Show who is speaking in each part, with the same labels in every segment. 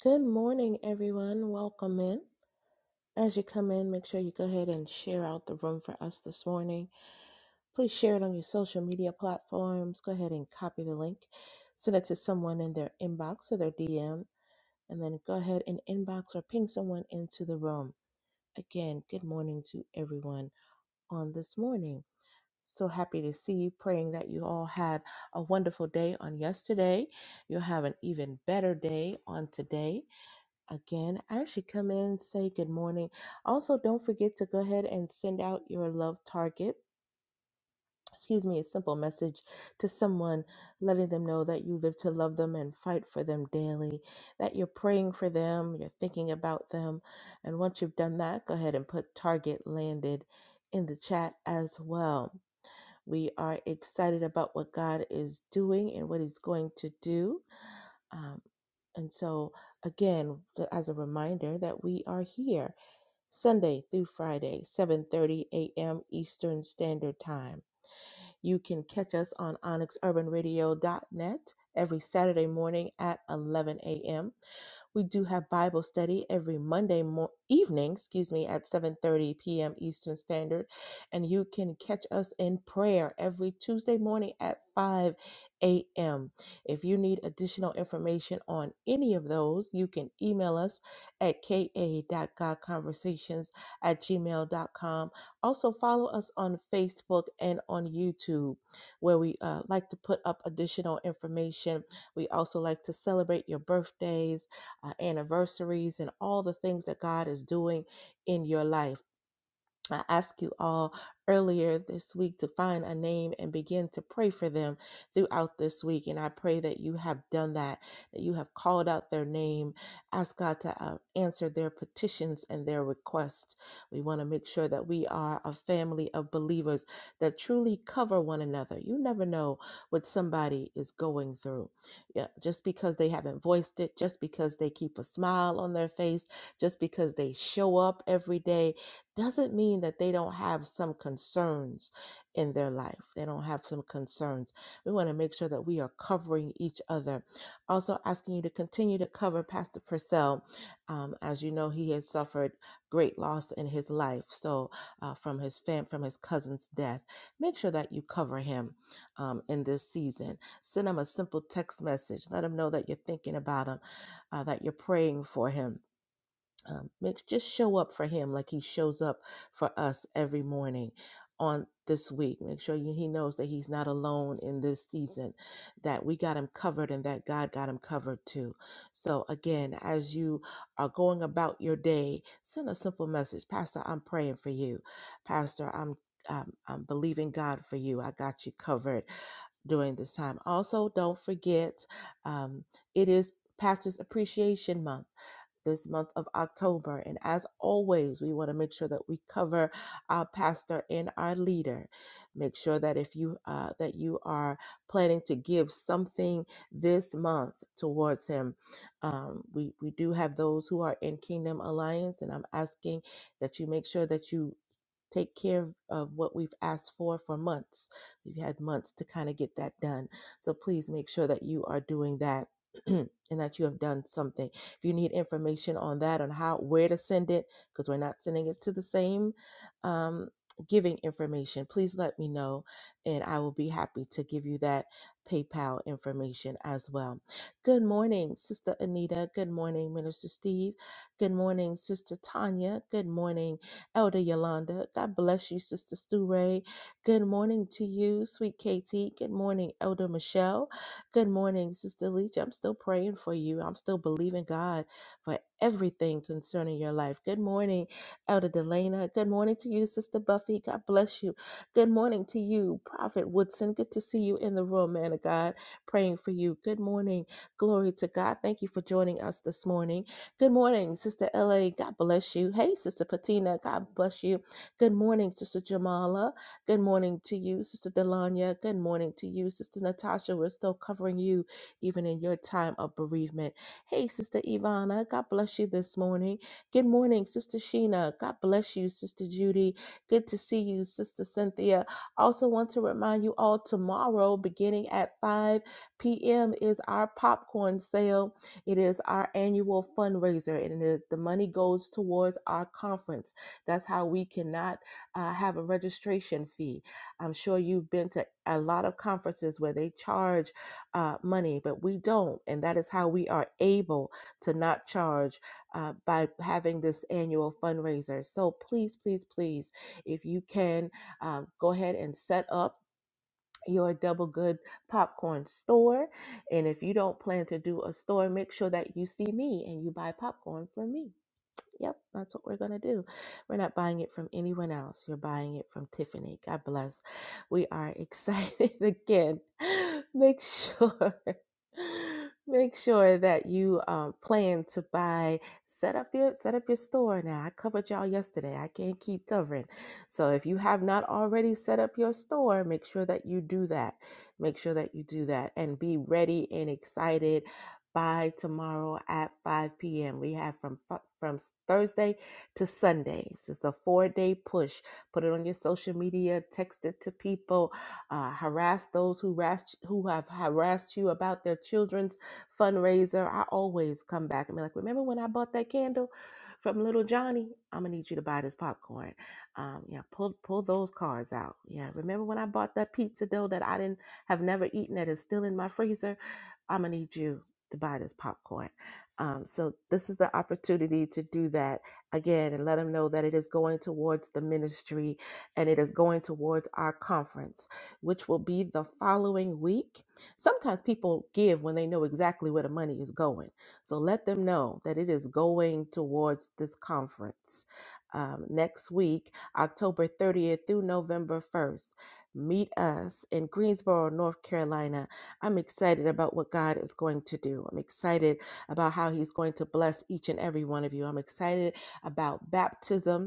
Speaker 1: Good morning, everyone. Welcome in. As you come in, make sure you go ahead and share out the room for us this morning. Please share it on your social media platforms. Go ahead and copy the link, send it to someone in their inbox or their DM, and then go ahead and inbox or ping someone into the room. Again, good morning to everyone on this morning. So happy to see you, praying that you all had a wonderful day on yesterday. You'll have an even better day on today again. As you come in, say good morning. Also, don't forget to go ahead and send out your love target. Excuse me, a simple message to someone, letting them know that you live to love them and fight for them daily, that you're praying for them, you're thinking about them. And once you've done that, go ahead and put target landed in the chat as well. We are excited about what God is doing and what He's going to do. Um, and so, again, th- as a reminder that we are here Sunday through Friday, 7:30 a.m. Eastern Standard Time. You can catch us on onyx urban radio dot net every Saturday morning at 11 a.m. We do have Bible study every Monday mo- evening, excuse me, at 7:30 p.m. Eastern Standard, and you can catch us in prayer every Tuesday morning at 5 a.m. If you need additional information on any of those, you can email us at ka.godconversations at gmail.com. Also, follow us on Facebook and on YouTube, where we uh, like to put up additional information. We also like to celebrate your birthdays uh, anniversaries and all the things that God is doing in your life. I asked you all earlier this week to find a name and begin to pray for them throughout this week. And I pray that you have done that, that you have called out their name. Ask God to uh, answer their petitions and their requests. We want to make sure that we are a family of believers that truly cover one another. You never know what somebody is going through. Yeah, just because they haven't voiced it, just because they keep a smile on their face, just because they show up every day doesn't mean that they don't have some concerns in their life. They don't have some concerns. We want to make sure that we are covering each other. Also, asking you to continue to cover Pastor Purcell. Um, as you know, he has suffered great loss in his life. So, uh, from his fam, from his cousin's death, make sure that you cover him um, in this season. Send him a simple text message. Let him know that you're thinking about him, uh, that you're praying for him um, make just show up for him like he shows up for us every morning on this week make sure you, he knows that he's not alone in this season that we got him covered and that god got him covered too so again as you are going about your day send a simple message pastor i'm praying for you pastor i'm I'm, I'm believing God for you. I got you covered during this time. Also, don't forget, um, it is Pastors Appreciation Month this month of October. And as always, we want to make sure that we cover our pastor and our leader. Make sure that if you uh, that you are planning to give something this month towards him, um, we we do have those who are in Kingdom Alliance, and I'm asking that you make sure that you take care of, of what we've asked for for months. We've had months to kind of get that done. So please make sure that you are doing that and that you have done something. If you need information on that, on how, where to send it, because we're not sending it to the same um, giving information, please let me know and I will be happy to give you that PayPal information as well. Good morning, Sister Anita. Good morning, Minister Steve. Good morning, Sister Tanya. Good morning. Elder Yolanda. God bless you, Sister Stu Ray. Good morning to you, sweet KT. Good morning, Elder Michelle. Good morning, Sister Leach. I'm still praying for you. I'm still believing God for everything concerning your life. Good morning, Elder Delana. Good morning to you, Sister Buffy. God bless you. Good morning to you, Prophet Woodson. Good to see you in the room, man of God. Praying for you. Good morning. Glory to God. Thank you for joining us this morning. Good morning, Sister LA. God bless you. Hey, Sister Patina. God bless you. Good morning, Sister Jamala. Good morning to you, Sister Delanya. Good morning to you, Sister Natasha. We're still covering you even in your time of bereavement. Hey, Sister Ivana. God bless you this morning. Good morning, Sister Sheena. God bless you, Sister Judy. Good to see you, Sister Cynthia. Also, want to remind you all tomorrow, beginning at 5 p.m., is our popcorn sale it is our annual fundraiser, and the, the money goes towards our conference. That's how we cannot uh, have a registration fee. I'm sure you've been to a lot of conferences where they charge uh, money, but we don't. And that is how we are able to not charge uh, by having this annual fundraiser. So please, please, please, if you can, um, go ahead and set up your double good popcorn store. And if you don't plan to do a store, make sure that you see me and you buy popcorn for me. Yep, that's what we're going to do. We're not buying it from anyone else. You're buying it from Tiffany. God bless. We are excited again. Make sure. Make sure that you um, plan to buy. Set up your set up your store now. I covered y'all yesterday. I can't keep covering. So if you have not already set up your store, make sure that you do that. Make sure that you do that and be ready and excited by tomorrow at 5 p.m. We have from fu- from Thursday to Sunday. It's just a four day push. Put it on your social media. Text it to people. Uh, harass those who harassed who have harassed you about their children's fundraiser. I always come back and be like, remember when I bought that candle from Little Johnny? I'm gonna need you to buy this popcorn. Um, yeah, pull pull those cards out. Yeah, remember when I bought that pizza dough that I didn't have never eaten that is still in my freezer? I'm gonna need you to buy this popcorn. Um, so this is the opportunity to do that again and let them know that it is going towards the ministry and it is going towards our conference, which will be the following week. Sometimes people give when they know exactly where the money is going. So let them know that it is going towards this conference. Um, next week, October 30th through November 1st, meet us in Greensboro, North Carolina I'm excited about what God is going to do. I'm excited about how He's going to bless each and every one of you. I'm excited about baptism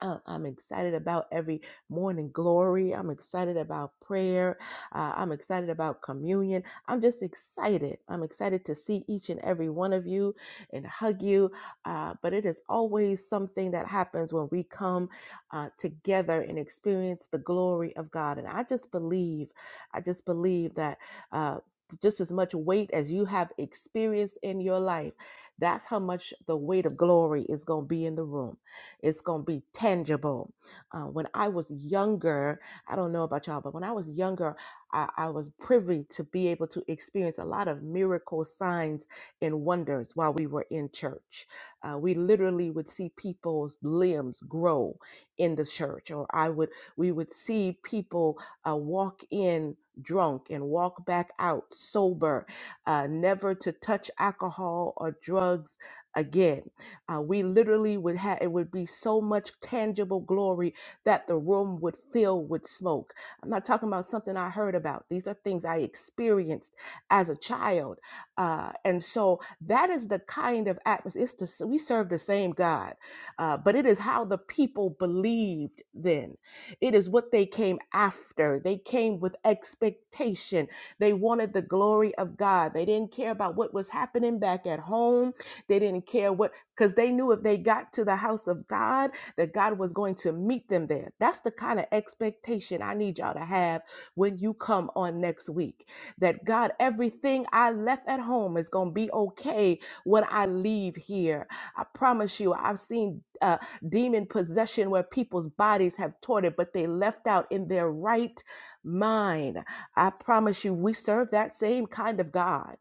Speaker 1: I- I'm excited about every morning glory. I'm excited about prayer. Uh, I'm excited about communion. I'm just excited. I'm excited to see each and every one of you and hug you. Uh, but it is always something that happens when we come uh, together and experience the glory of God. And I just believe, I just believe that. Uh, just as much weight as you have experienced in your life, that's how much the weight of glory is going to be in the room it's going to be tangible. Uh, when I was younger, I don't know about y'all, but when I was younger, I, I was privy to be able to experience a lot of miracle signs and wonders while we were in church. Uh, we literally would see people's limbs grow in the church, or I would we would see people uh, walk in drunk and walk back out sober, uh, never to touch alcohol or drugs again. Uh, we literally would have it would be so much tangible glory that the room would fill with smoke. I'm not talking about something I heard about. These are things I experienced as a child, uh, and so that is the kind of atmosphere. It's the, we serve the same God, uh, but it is how the people believed then. It is what they came after. They came with expectation. They wanted the glory of God. They didn't care about what was happening back at home. They didn't care what because they knew if they got to the house of God, that God was going to meet them there. That's the kind of expectation I need y'all to have when you come on next week. That God, everything I left at home is going to be okay when I leave here. I promise you, I've seen uh, demon possession where people's bodies have tortured, but they left out in their right mind. I promise you, we serve that same kind of God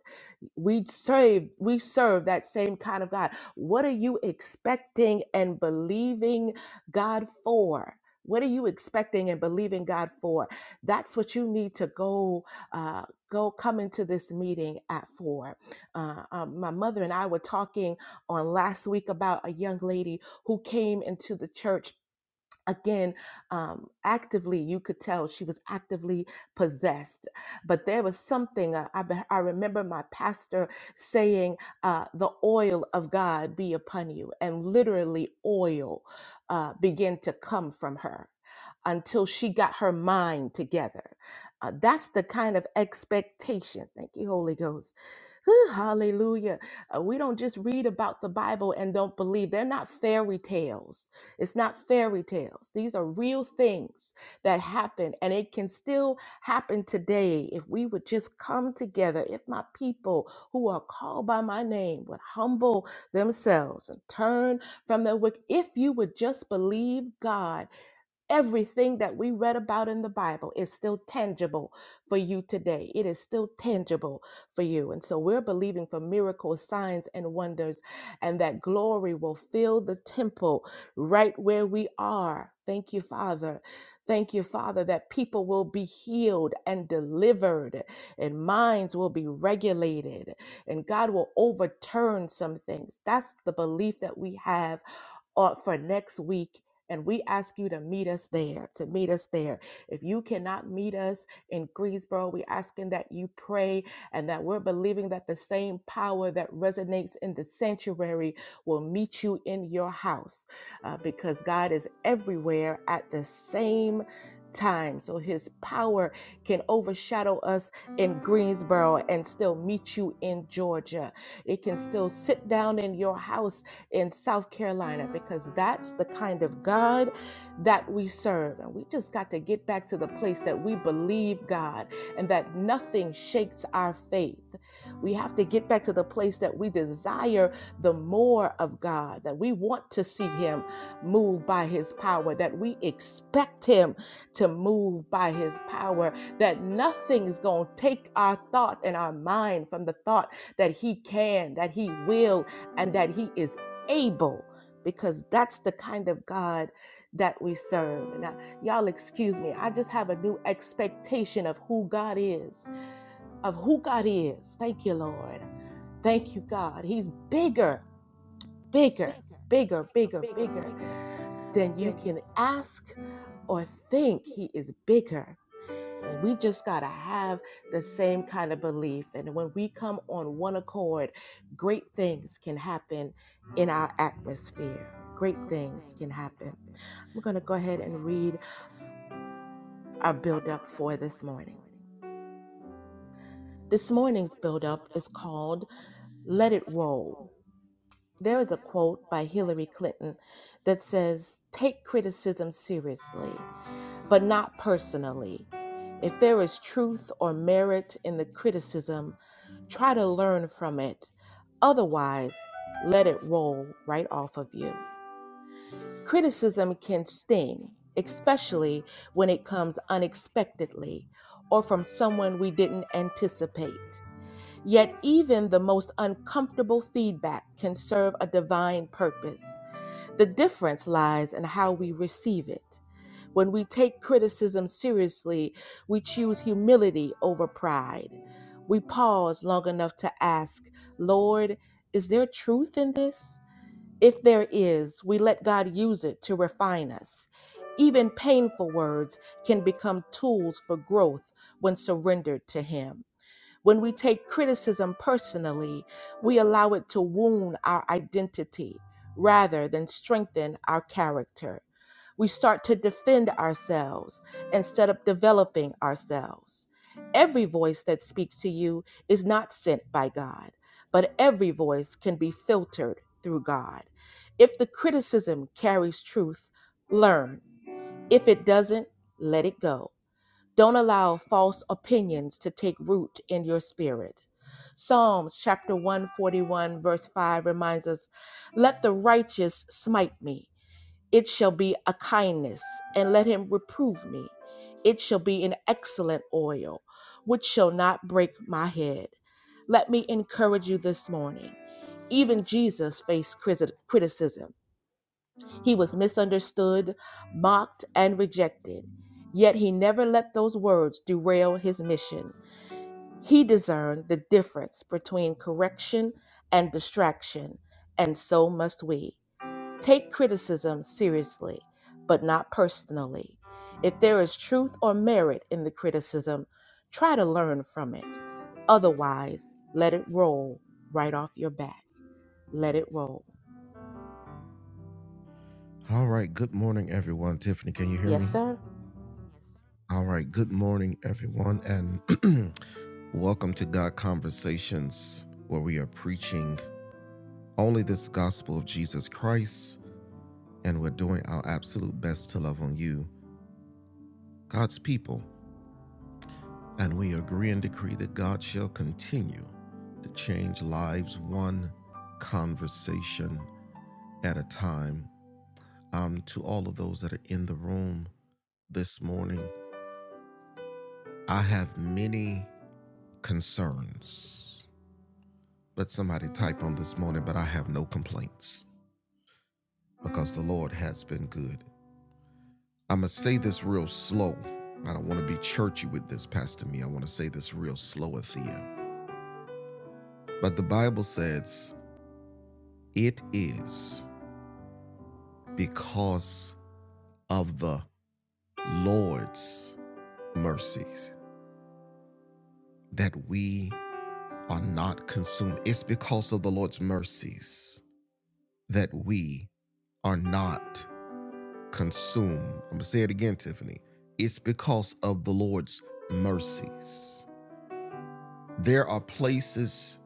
Speaker 1: we serve we serve that same kind of god what are you expecting and believing god for what are you expecting and believing god for that's what you need to go uh, go come into this meeting at four uh, um, my mother and i were talking on last week about a young lady who came into the church again um, actively you could tell she was actively possessed but there was something i, I, be- I remember my pastor saying uh, the oil of god be upon you and literally oil uh, began to come from her until she got her mind together Uh, that's the kind of expectation thank you holy ghost Whew, hallelujah Uh, we don't just read about the bible and don't believe they're not fairy tales it's not fairy tales. These are real things that happen, and it can still happen today if we would just come together. If my people who are called by my name would humble themselves and turn from their wicked, if you would just believe God Everything that we read about in the Bible is still tangible for you today. It is still tangible for you. And so we're believing for miracles, signs, and wonders, and that glory will fill the temple right where we are. Thank you, Father. Thank you, Father, that people will be healed and delivered, and minds will be regulated, and God will overturn some things. That's the belief that we have or for next week. And we ask you to meet us there, to meet us there. If you cannot meet us in Greensboro, we're asking that you pray and that we're believing that the same power that resonates in the sanctuary will meet you in your house uh, because God is everywhere at the same time. So his power can overshadow us in Greensboro and still meet you in Georgia. It can still sit down in your house in South Carolina because that's the kind of God that we serve. And we just got to get back to the place that we believe God and that nothing shakes our faith. We have to get back to the place that we desire the more of God, that we want to see Him move by His power, that we expect Him to move by His power that nothing is going to take our thought and our mind from the thought that he can, that he will, and that he is able, because that's the kind of God that we serve. And I, y'all, excuse me, I just have a new expectation of who God is, of who God is. Thank you, Lord. Thank you, God. He's bigger, bigger, bigger, bigger, bigger than you can ask or think. He is bigger and we just got to have the same kind of belief. And when we come on one accord, great things can happen in our atmosphere. Great things can happen. I'm going to go ahead and read our build up for this morning. This morning's build up is called Let It Roll. There is a quote by Hillary Clinton that says, Take criticism seriously but not personally. If there is truth or merit in the criticism, try to learn from it. Otherwise, let it roll right off of you. Criticism can sting, especially when it comes unexpectedly or from someone we didn't anticipate. Yet, even the most uncomfortable feedback can serve a divine purpose. The difference lies in how we receive it. When we take criticism seriously, we choose humility over pride. We pause long enough to ask, Lord, is there truth in this? If there is, we let God use it to refine us. Even painful words can become tools for growth when surrendered to Him. When we take criticism personally, we allow it to wound our identity rather than strengthen our character. We start to defend ourselves instead of developing ourselves. Every voice that speaks to you is not sent by God, but every voice can be filtered through God. If the criticism carries truth, learn. If it doesn't, let it go. Don't allow false opinions to take root in your spirit. Psalms chapter 141, verse 5 reminds us Let the righteous smite me, it shall be a kindness, and let him reprove me. It shall be an excellent oil, which shall not break my head. Let me encourage you this morning. Even Jesus faced criticism. He was misunderstood, mocked, and rejected. Yet he never let those words derail his mission. He discerned the difference between correction and distraction, and so must we. Take criticism seriously, but not personally. If there is truth or merit in the criticism, try to learn from it. Otherwise, let it roll right off your back. Let it roll.
Speaker 2: All right. Good morning, everyone. Tiffany, can you hear
Speaker 1: Yes,
Speaker 2: me?
Speaker 1: sir.
Speaker 2: All right. Good morning, everyone. And welcome to God Conversations, where we are preaching only this gospel of Jesus Christ. And we're doing our absolute best to love on you, God's people. And we agree and decree that God shall continue to change lives one conversation at a time. Um, to all of those that are in the room this morning, I have many concerns. Let somebody type on this morning, but I have no complaints because the Lord has been good. I'm going to say this real slow. I don't want to be churchy with this, Pastor Me. I want to say this real slow, Athea. But the Bible says, it is because of the Lord's mercies that we are not consumed. It's because of the Lord's mercies that we are not consume. I'm going to say it again, Tiffany. It's because of the Lord's mercies. There are places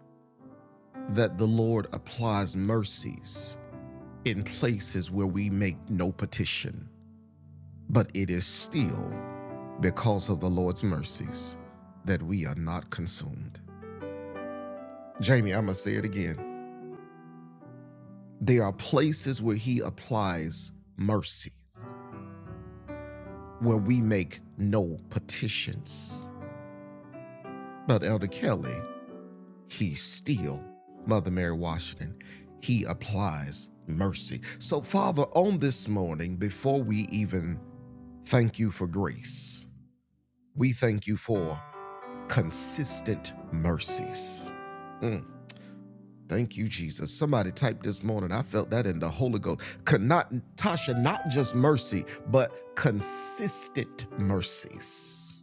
Speaker 2: that the Lord applies mercies in places where we make no petition, but it is still because of the Lord's mercies that we are not consumed. Jamie, I'm going to say it again. There are places where he applies mercies, where we make no petitions. But Elder Kelly, He still, Mother Mary Washington, he applies mercy. So, Father, on this morning, before we even thank you for grace, we thank you for consistent mercies. Mm, Thank you, Jesus. Somebody typed this morning. I felt that in the Holy Ghost. Could not, Tasha, not just mercy, but consistent mercies.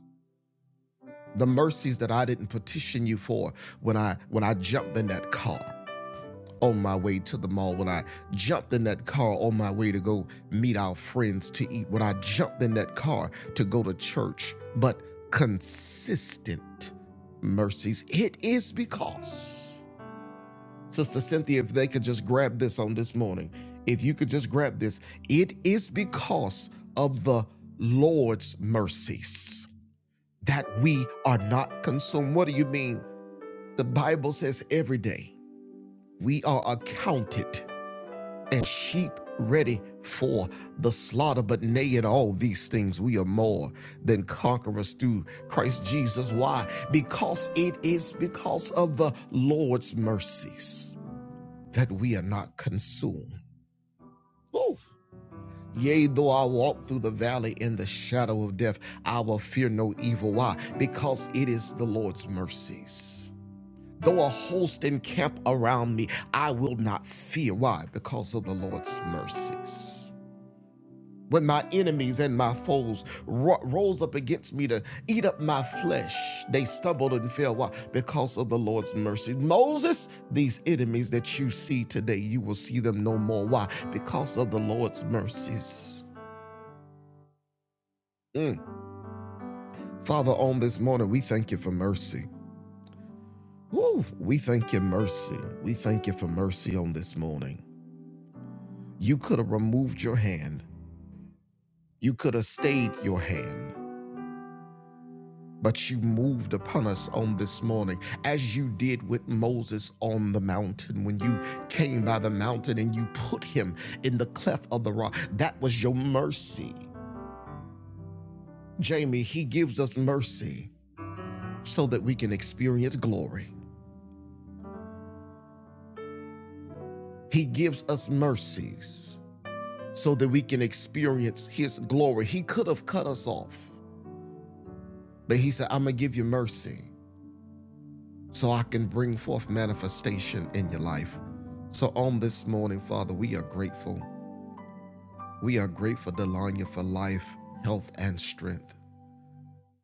Speaker 2: The mercies that I didn't petition you for when I when I jumped in that car. on my way to the mall, when I jumped in that car on my way to go meet our friends to eat, when I jumped in that car to go to church, but consistent mercies. It is because, Sister Cynthia, if they could just grab this on this morning, if you could just grab this, it is because of the Lord's mercies that we are not consumed. What do you mean? The Bible says every day we are accounted and sheep ready for the slaughter. But nay, in all these things, we are more than conquerors through Christ Jesus. Why? Because it is because of the Lord's mercies that we are not consumed. Ooh, Yea, though I walk through the valley in the shadow of death, I will fear no evil. Why? Because it is the Lord's mercies. Though a host encamp around me, I will not fear. Why? Because of the Lord's mercies. when my enemies and my foes ro- rose up against me to eat up my flesh they stumbled and fell why because of the lord's mercy moses these enemies that you see today you will see them no more why because of the lord's mercies Mm. father on this morning we thank you for mercy Woo, we thank you mercy we thank you for mercy on this morning you could have removed your hand you could have stayed your hand But you moved upon us on this morning as you did with Moses on the mountain when you came by the mountain and you put him in the cleft of the rock. That was your mercy. Jamie, he gives us mercy so that we can experience glory. He gives us mercies so that we can experience his glory. He could have cut us off, but he said, I'm going to give you mercy so I can bring forth manifestation in your life. So on this morning, Father, we are grateful. We are grateful, Delania, for life, health, and strength.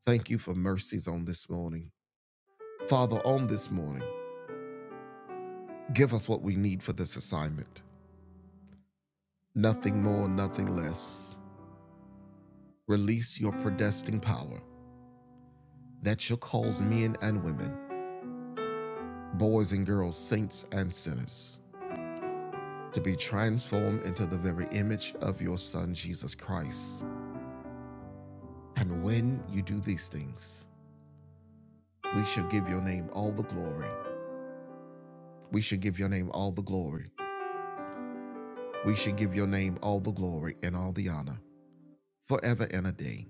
Speaker 2: Thank you for mercies on this morning. Father, on this morning, give us what we need for this assignment. Nothing more, nothing less. Release your predestined power that shall cause men and women, boys and girls, saints and sinners, to be transformed into the very image of your Son, Jesus Christ And when you do these things, we shall give your name all the glory. We shall give your name all the glory. We shall give your name all the glory and all the honor forever and a day.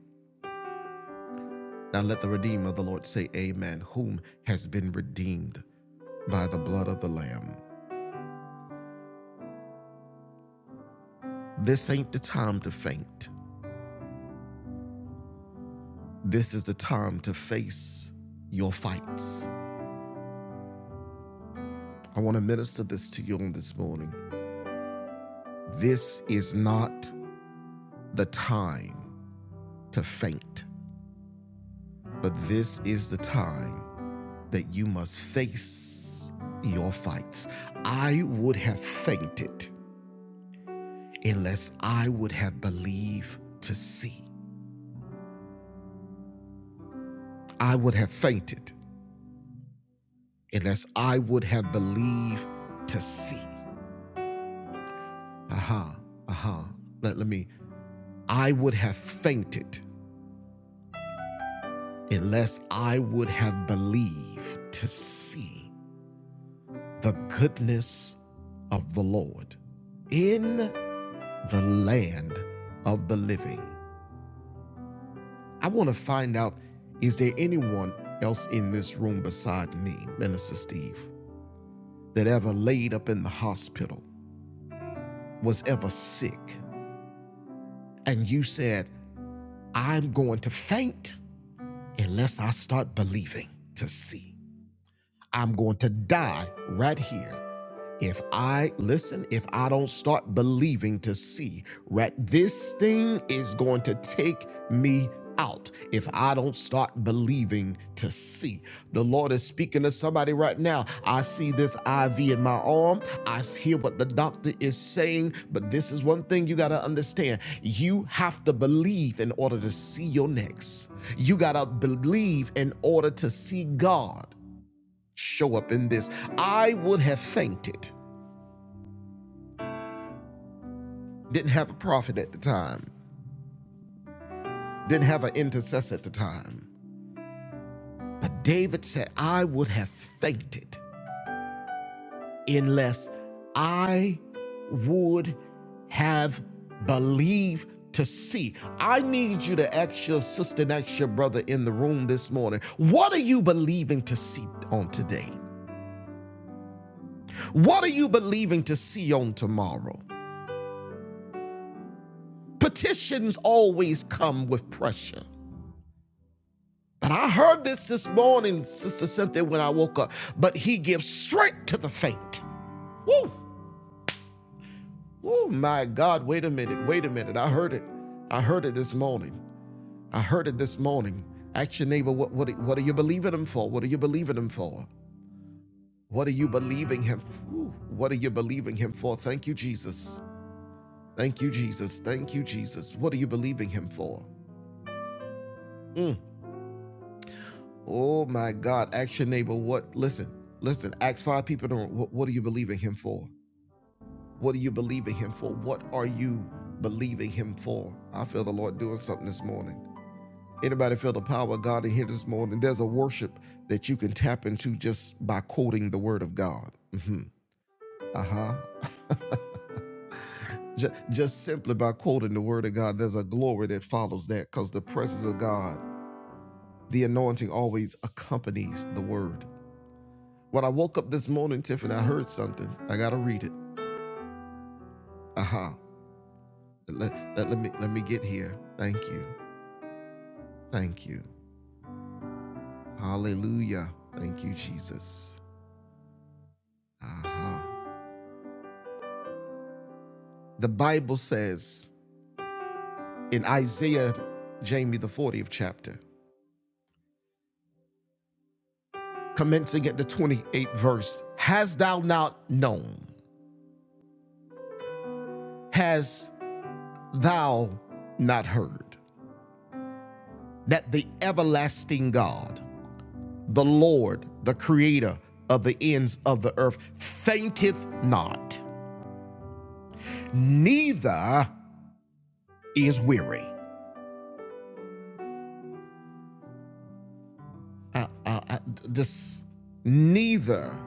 Speaker 2: Now let the Redeemer of the Lord say, Amen, whom has been redeemed by the blood of the Lamb. This ain't the time to faint. This is the time to face your fights. I want to minister this to you on this morning. This is not the time to faint. But this is the time that you must face your fights. I would have fainted unless I would have believed to see. I would have fainted unless I would have believed to see. Aha, aha. Let, let me. I would have fainted unless I would have believed to see the goodness of the Lord in the land of the living. I want to find out is there anyone else in this room beside me, Minister Steve, that ever laid up in the hospital, was ever sick, and you said, I'm going to faint unless I start believing to see. I'm going to die right here If I listen, if I don't start believing to see, right, this thing is going to take me out if I don't start believing to see. The Lord is speaking to somebody right now. I see this IV in my arm. I hear what the doctor is saying, but this is one thing you got to understand. You have to believe in order to see your next. You got to believe in order to see God show up in this. I would have fainted didn't have a prophet at the time, didn't have an intercessor at the time. But David said, I would have fainted unless I would have believed to see. I need you to ask your sister and ask your brother in the room this morning, what are you believing to see on today? What are you believing to see on tomorrow? Petitions always come with pressure. But I heard this this morning, Sister Cynthia, when I woke up. But he gives strength to the faint. Woo! Oh my God, wait a minute, wait a minute. I heard it. I heard it this morning. I heard it this morning. Ask your neighbor, what, what, what are you believing him for? What are you believing him for? What are you believing him for? Ooh, What are you believing him for? Thank you, Jesus. Thank you, Jesus. Thank you, Jesus. What are you believing him for? Mm. Oh my God. Ask your neighbor, what? Listen, listen. Ask five people, what, what are you believing him for? What are you believing Him for? What are you believing Him for? I feel the Lord doing something this morning. Anybody feel the power of God in here this morning? There's a worship that you can tap into just by quoting the Word of God. hmm Uh huh. Just, just simply by quoting the Word of God, there's a glory that follows that because the presence of God, the anointing always accompanies the Word. When I woke up this morning, Tiffany, I heard something. I gotta read it. Uh huh. Let, let, let me let me get here. Thank you. Thank you. Hallelujah. Thank you, Jesus. Uh-huh. The Bible says in Isaiah, Jamie, the 40th chapter, commencing at the 28th verse, Has thou not known, has thou not heard, that the everlasting God, the Lord, the creator of the ends of the earth, fainteth not, neither is weary. Uh, uh, uh, this neither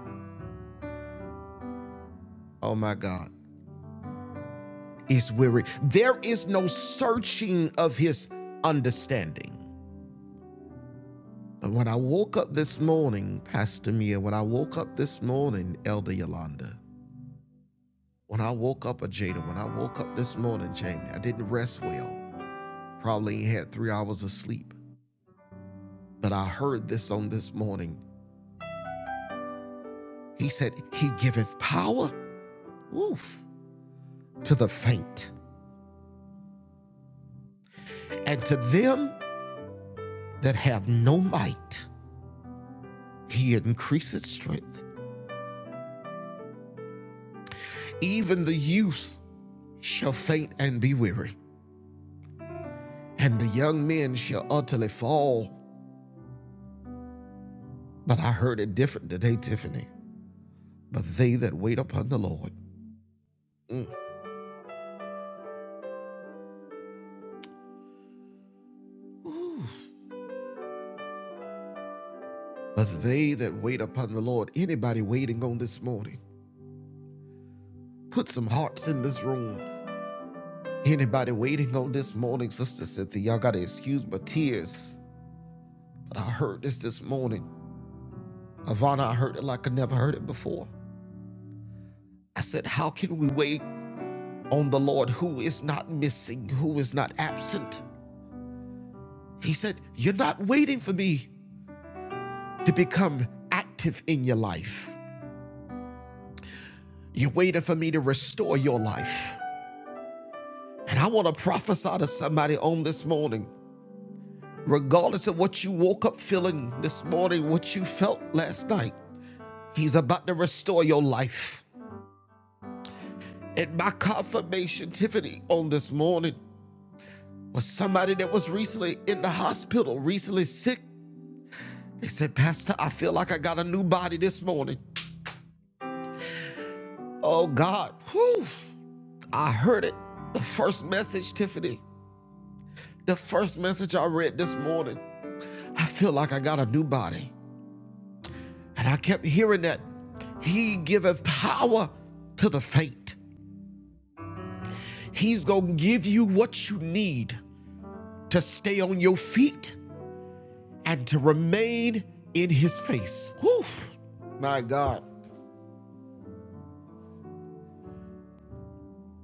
Speaker 2: Oh my God. Is weary. There is no searching of his understanding. But when I woke up this morning, Pastor Mia, when I woke up this morning, Elder Yolanda, when I woke up, Ajada, when I woke up this morning, Jamie, I didn't rest well. Probably had three hours of sleep. But I heard this on this morning. He said, He giveth power oof, to the faint, and to them that have no might, He increaseth strength. Even the youth shall faint and be weary, and the young men shall utterly fall. But I heard it different today, Tiffany. But they that wait upon the Lord. Mm. But they that wait upon the Lord, anybody waiting on this morning, put some hearts in this room. Anybody waiting on this morning, Sister Cynthia, y'all gotta excuse my tears. But I heard this this morning. Ivana, I heard it like I never heard it before. I said, How can we wait on the Lord who is not missing, who is not absent. He said, You're not waiting for me to become active in your life. You're waiting for me to restore your life. And I want to prophesy to somebody on this morning, regardless of what you woke up feeling this morning, what you felt last night, He's about to restore your life. And my confirmation, Tiffany, on this morning was somebody that was recently in the hospital, recently sick, They said, Pastor, I feel like I got a new body this morning. Oh God. Whew. I heard it. The first message, Tiffany. The first message I read this morning. I feel like I got a new body. And I kept hearing that. He giveth power to the faint. He's gonna give you what you need to stay on your feet and to remain in his face. Whew. My God.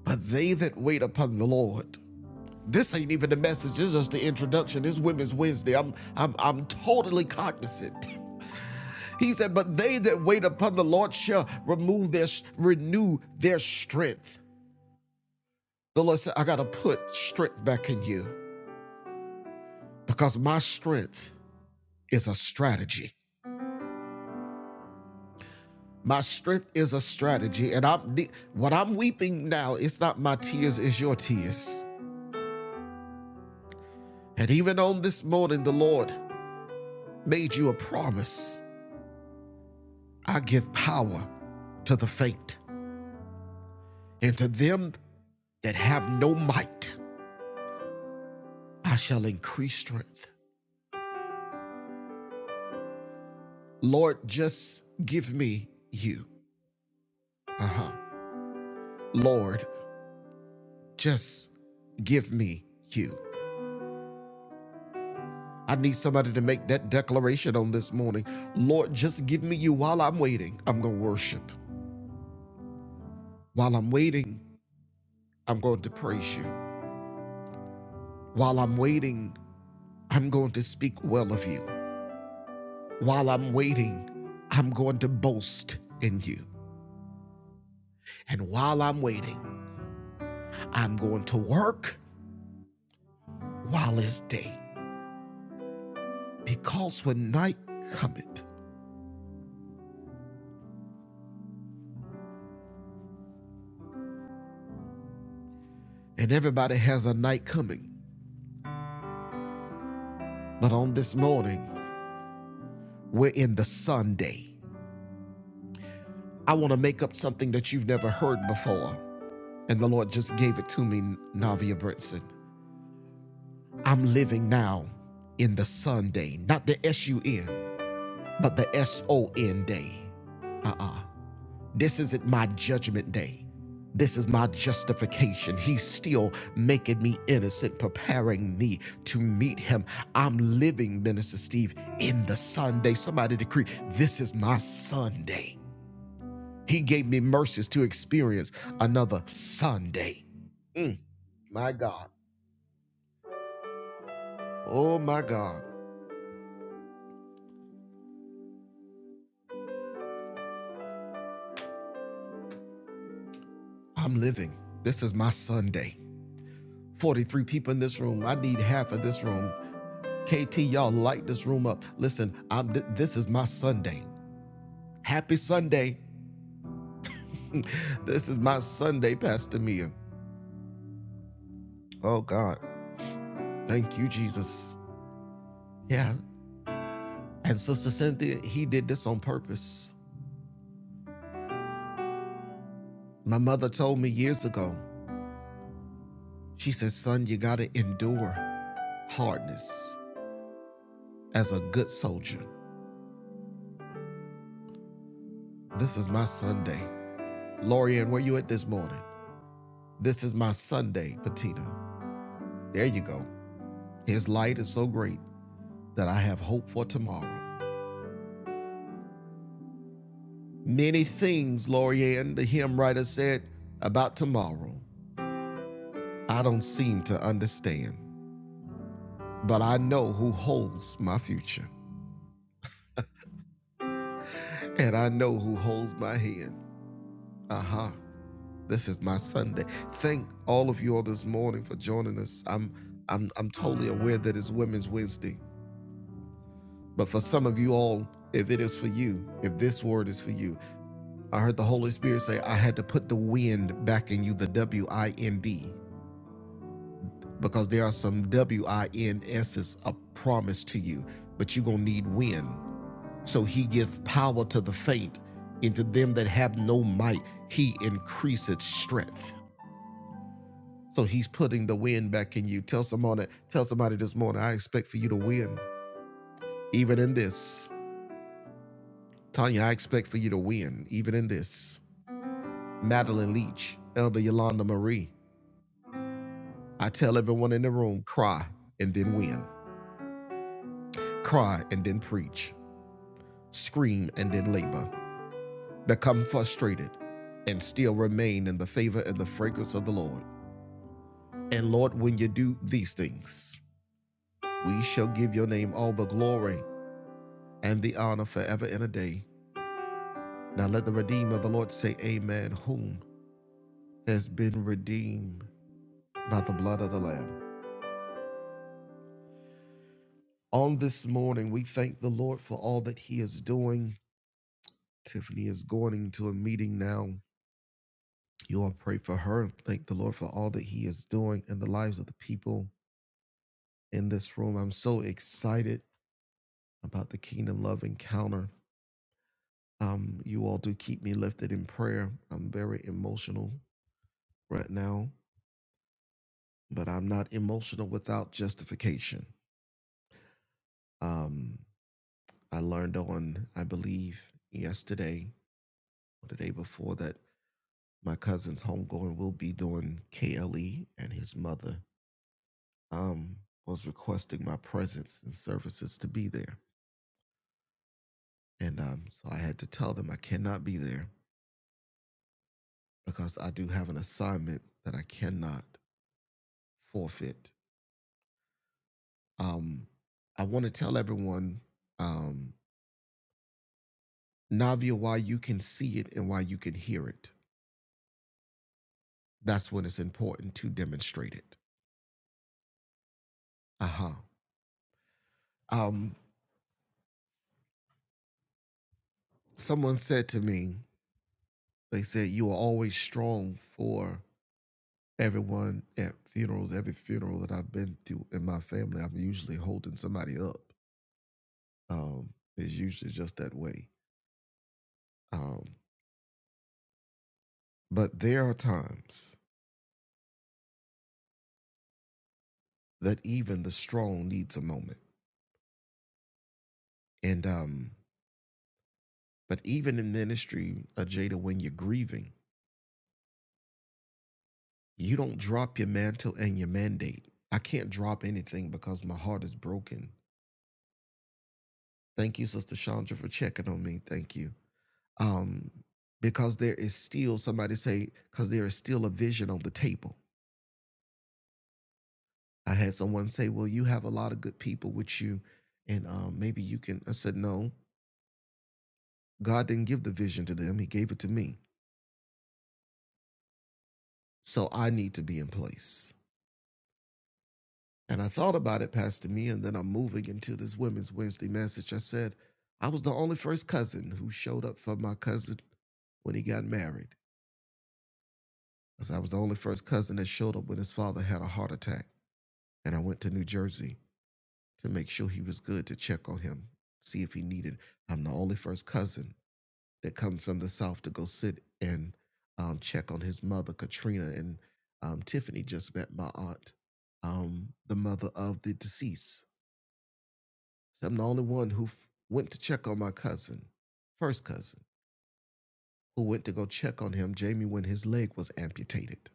Speaker 2: But they that wait upon the Lord This ain't even the message. This is just the introduction. This Women's Wednesday. I'm I'm I'm totally cognizant. He said, "But they that wait upon the Lord shall remove their renew their strength." The Lord said, "I got to put strength back in you because my strength is a strategy. My strength is a strategy, and I'm what I'm weeping now. It's not my tears; it's your tears. And even on this morning, the Lord made you a promise. I give power to the faint." And to them that have no might, I shall increase strength. Lord, just give me you. Uh huh. Lord, just give me you. I need somebody to make that declaration on this morning. Lord, just give me you while I'm waiting. I'm going to worship. While I'm waiting, I'm going to praise you. While I'm waiting, I'm going to speak well of you. While I'm waiting, I'm going to boast in you. And while I'm waiting, I'm going to work while it's day. Because when night cometh, and everybody has a night coming, but on this morning, we're in the Sunday. I want to make up something that you've never heard before. And the Lord just gave it to me, Navia Brinson. I'm living now in the Sunday, not the S U N, but the S O N day. Uh uh This isn't my judgment day. This is my justification. He's still making me innocent, preparing me to meet him. I'm living, Minister Steve, in the Sunday. Somebody decree, this is my Sunday. He gave me mercies to experience another Sunday. Mm, my God. Oh, my God. I'm living. This is my Sunday. 43 people in this room. I need half of this room. KT, y'all light this room up. Listen, I'm th- this is my Sunday. Happy Sunday. this is my Sunday, Pastor Mia. Oh God, thank you, Jesus. Yeah, and Sister Cynthia, he did this on purpose. My mother told me years ago. She said, "Son, you gotta endure hardness as a good soldier." This is my Sunday. Lorian, where you at this morning? This is my Sunday, Patina. There you go. His light is so great that I have hope for tomorrow. Many things, Lorianne, the hymn writer said, about tomorrow I don't seem to understand. But I know who holds my future, and I know who holds my hand. Aha, uh-huh. this is my Sunday. Thank all of you all this morning for joining us. I'm, I'm, I'm totally aware that it's Women's Wednesday, but for some of you all, if it is for you, if this word is for you, I heard the Holy Spirit say, I had to put the wind back in you, the W I N D. because there are some winses of promise to you, but you're going to need win. So he gives power to the faint, and to them that have no might, he increases strength. So he's putting the win back in you. Tell someone, tell somebody this morning, I expect for you to win, even in this. Tanya, I expect for you to win, even in this. Madeline Leach, Elder Yolanda Marie, I tell everyone in the room, cry and then win, cry and then preach, scream and then labor. become frustrated, and still remain in the favor and the fragrance of the Lord. And Lord, when you do these things, we shall give your name all the glory and the honor forever and a day. Now let the redeemer of the Lord say, Amen, whom has been redeemed by the blood of the Lamb. On this morning, we thank the Lord for all that he is doing. Tiffany is going into a meeting now. You all pray for her. Thank the Lord for all that he is doing in the lives of the people in this room. I'm so excited about the Kingdom Love Encounter. Um, you all do keep me lifted in prayer. I'm very emotional right now, but I'm not emotional without justification. Um, I learned on, I believe, yesterday or the day before that my cousin's homegoing will be doing KLE, and his mother um, was requesting my presence and services to be there. And um, so I had to tell them I cannot be there because I do have an assignment that I cannot forfeit Um, I want to tell everyone, um, Navia, why you can see it and why you can hear it. That's when it's important to demonstrate it. Uh huh. Um, someone said to me, they said, You are always strong for everyone at funerals. Every funeral that I've been to in my family, I'm usually holding somebody up. Um, it's usually just that way. Um, but there are times that even the strong needs a moment. And um, But even in ministry, uh, Jada, when you're grieving, you don't drop your mantle and your mandate. I can't drop anything because my heart is broken. Thank you, Sister Chandra, for checking on me. Thank you. Um, because there is still somebody say, because there is still a vision on the table. I had someone say, Well, you have a lot of good people with you, and um, maybe you can. I said, No, God didn't give the vision to them, He gave it to me. So I need to be in place. And I thought about it, Pastor Me, and then I'm moving into this Women's Wednesday message. I said, I was the only first cousin who showed up for my cousin when he got married. I said, I was the only first cousin that showed up when his father had a heart attack. And I went to New Jersey to make sure he was good to check on him, see if he needed. I'm the only first cousin that comes from the South to go sit and um, check on his mother, Katrina. And um, Tiffany just met my aunt, um, the mother of the deceased So I'm the only one who f- went to check on my cousin, first cousin, who went to go check on him, Jamie, when his leg was amputated.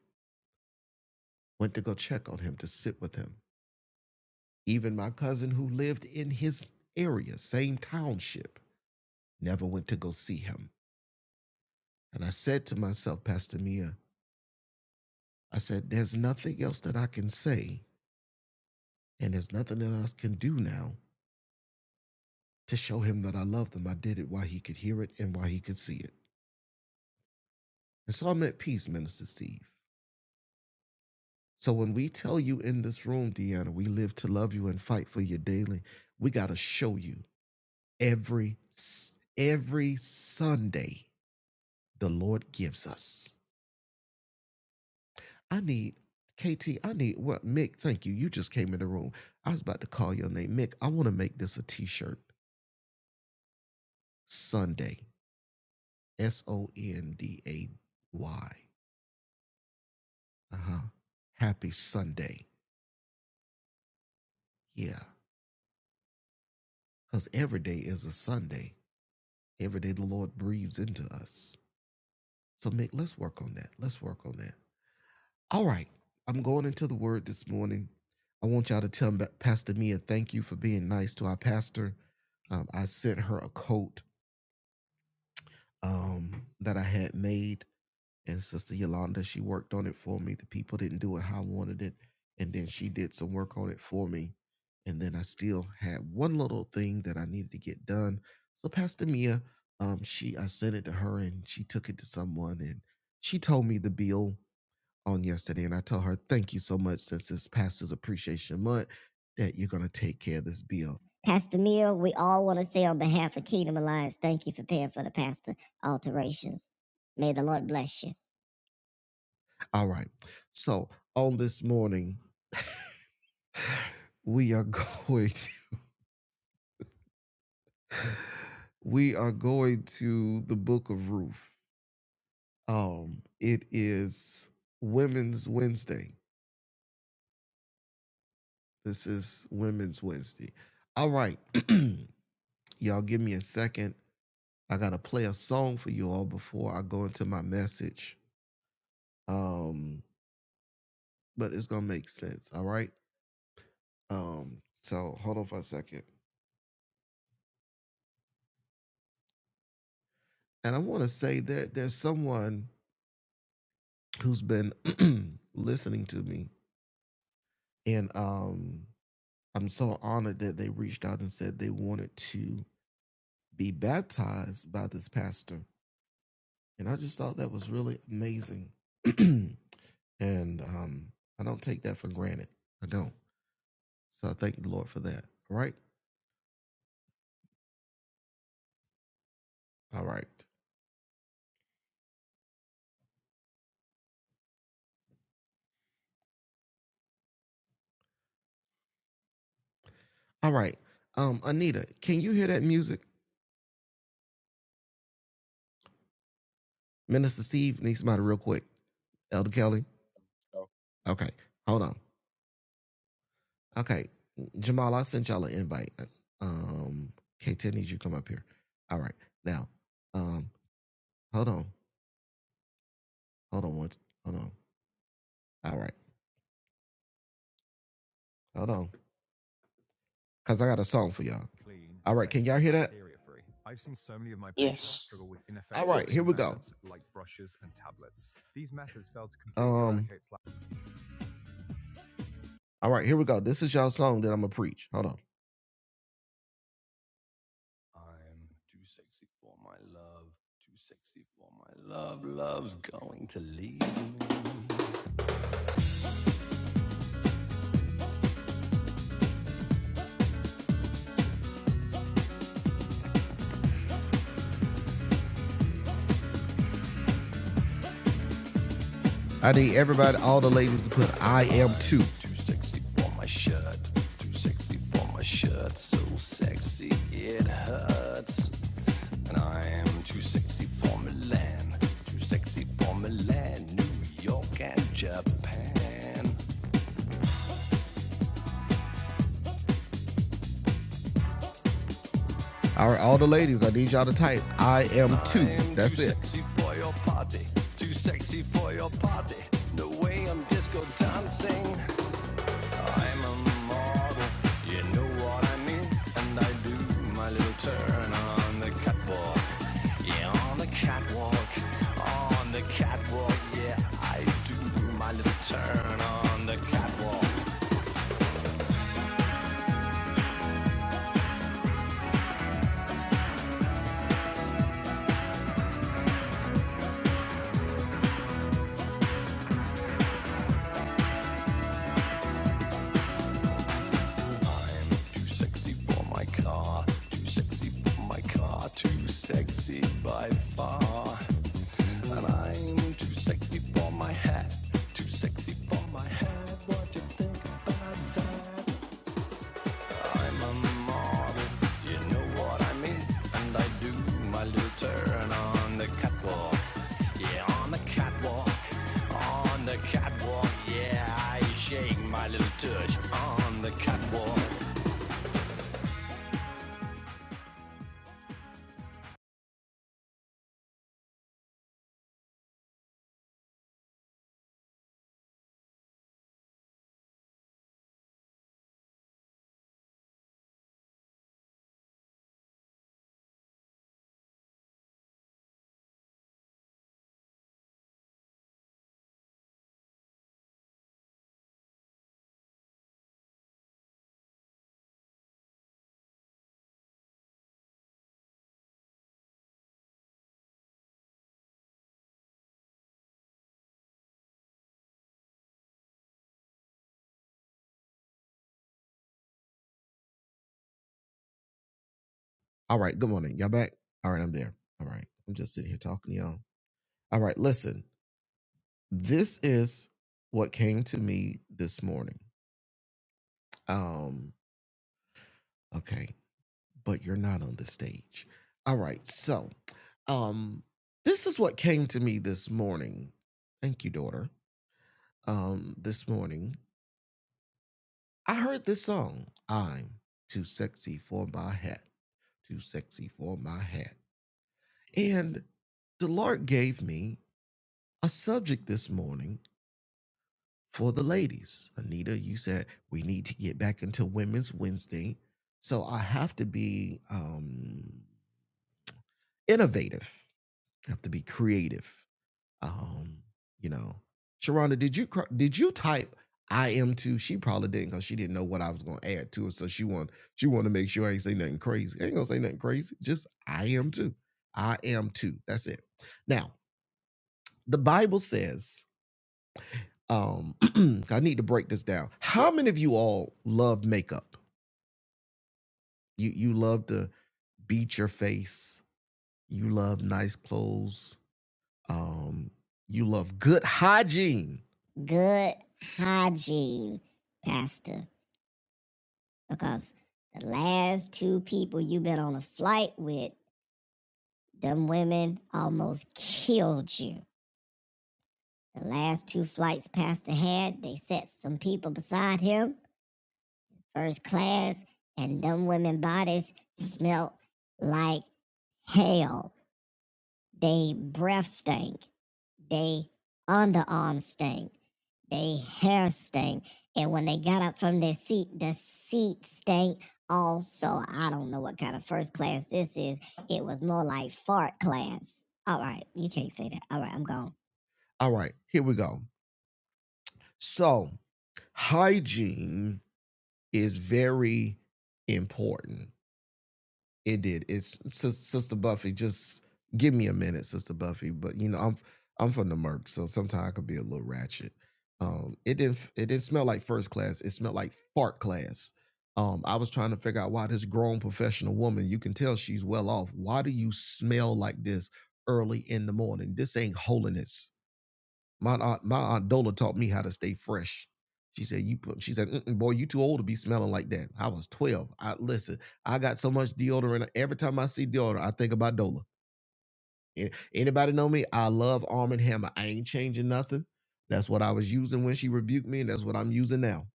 Speaker 2: Went to go check on him to sit with him. Even my cousin who lived in his area, same township, never went to go see him. And I said to myself, Pastor Mia, I said, there's nothing else that I can say, and there's nothing that I can do now to show him that I love him. I did it while he could hear it and while he could see it. And so I'm at peace, Minister Steve. So when we tell you in this room, Deanna, we live to love you and fight for you daily, we got to show you every s- every Sunday the Lord gives us. I need KT, I need what Mick, thank you. You just came in the room. I was about to call your name. Mick, I want to make this a t-shirt. Sunday. S O N D A Y. Uh-huh. Happy Sunday. Yeah. Cuz every day is a Sunday. Every day the Lord breathes into us. So, Mick, let's work on that. Let's work on that. All right. I'm going into the word this morning. I want y'all to tell Pastor Mia, thank you for being nice to our pastor. Um, I sent her a coat um, that I had made, and Sister Yolanda, she worked on it for me. The people didn't do it how I wanted it, and then she did some work on it for me. And then I still had one little thing that I needed to get done. So Pastor Mia, um, she I sent it to her, and she took it to someone, and she told me the bill on yesterday, and I tell her, "Thank you so much, since it's Pastor's Appreciation Month, that you're going to take care of this bill." Pastor Mill, we all want to say on behalf of Kingdom Alliance, thank you for paying for the pastor alterations. May the Lord bless you. All right. So on this morning, we are going. To, we are going to the Book of Ruth. Um, it is Women's Wednesday. This is Women's Wednesday. All right. Y'all give me a second. I gotta play a song for you all before I go into my message. Um, but it's gonna make sense, all right? Um, so hold on for a second. And I wanna say that there's someone who's been listening to me, and um, I'm so honored that they reached out and said they wanted to be baptized by this pastor. And I just thought that was really amazing. and um, I don't take that for granted. I don't. So I thank the Lord for that. All right. All right. All right. Um, Anita, can you hear that music? Minister Steve needs somebody real quick. Elder Kelly.
Speaker 3: Oh,
Speaker 2: Okay. Hold on. Okay. Jamal, I sent y'all an invite. Um, K10, needs you to come up here. All right. Now, um, hold on. Hold on. One, hold on. All right. Hold on. Cause I got a song for y'all.
Speaker 4: Yes.
Speaker 3: yes.
Speaker 2: All right, here we go. This is y'all song that I'm gonna preach. Hold on. I'm too sexy for my love. Too sexy for my love. Love's going to leave I need everybody, all the ladies, to put I am too. Too sexy for my shirt. Too sexy for my shirt. So sexy it hurts. And I'm too sexy for Milan. Too sexy for Milan, New York, and Japan. All right, all the ladies, I need y'all to type I am two. I am That's too it. Too Sexy for your party. Too sexy for your party. No way I'm disco dancing. I'm a model. You know what I mean. And I do my little turn on the catwalk. Yeah, on the catwalk. On the catwalk. Yeah, I do my little turn on the catwalk. I'm too sexy for my car, too sexy for my car, too sexy by far. And I'm too sexy for my hat, too sexy for my hat. What you think about that? I'm a model, you know what I mean, and I do my little turn on the catwalk. Yeah, on the catwalk, on the catwalk. Yeah, I shake my little touch on the catwalk. All right, good morning. Y'all back? All right, I'm there. All right, I'm just sitting here talking to y'all. All right, listen, this is what came to me this morning. Um, okay, but you're not on the stage. All right, so um, this is what came to me this morning. Thank you, daughter. Um, this morning, I heard this song, I'm Too Sexy for My Hat, Too Sexy for My Hat. And the Lord gave me a subject this morning for the ladies. Anita, you said we need to get back into Women's Wednesday. So I have to be um, innovative. I have to be creative. Um, you know, Sharonda, did you did you type I am too? She probably didn't because she didn't know what I was going to add to it. So she want she want to make sure I ain't say nothing crazy. I ain't gonna say nothing crazy. Just I am too. I am too. That's it. Now the Bible says Um, I need to break this down. How many of you all love makeup? You you love to beat your face. You love nice clothes. Um, you love good hygiene. Good hygiene, Pastor. Because the last two people you've been on a flight with, them women almost killed you. The last two flights Pastor had, they set some people beside him first class, and them women bodies smelt like hell. They breath stink. They underarm stink. They hair stink. And when they got up from their seat, the seat stank also. I don't know what kind of first class this is. It was more like fart class. All right, you can't say that. All right, I'm gone. All right, here we go. So, hygiene is very important. It did. It's Sis- Sister Buffy. Just give me a minute, Sister Buffy. But you know, I'm I'm from the Merc, so sometimes I could be a little ratchet. Um, it didn't it didn't smell like first class. It smelled like fart class. Um, I was trying to figure out why this grown professional woman, you can tell she's well off. Why do you smell like this early in the morning? This ain't holiness my aunt, my aunt Dola taught me how to stay fresh. She said, "You," put- she said, "Mm-mm, "Boy, you too old to be smelling like that." I was twelve. I listen. I got so much deodorant. Every time I see deodorant, I think about Dola. A- Anybody know me? I love Arm and Hammer. I ain't changing nothing. That's what I was using when she rebuked me, and that's what I'm using now.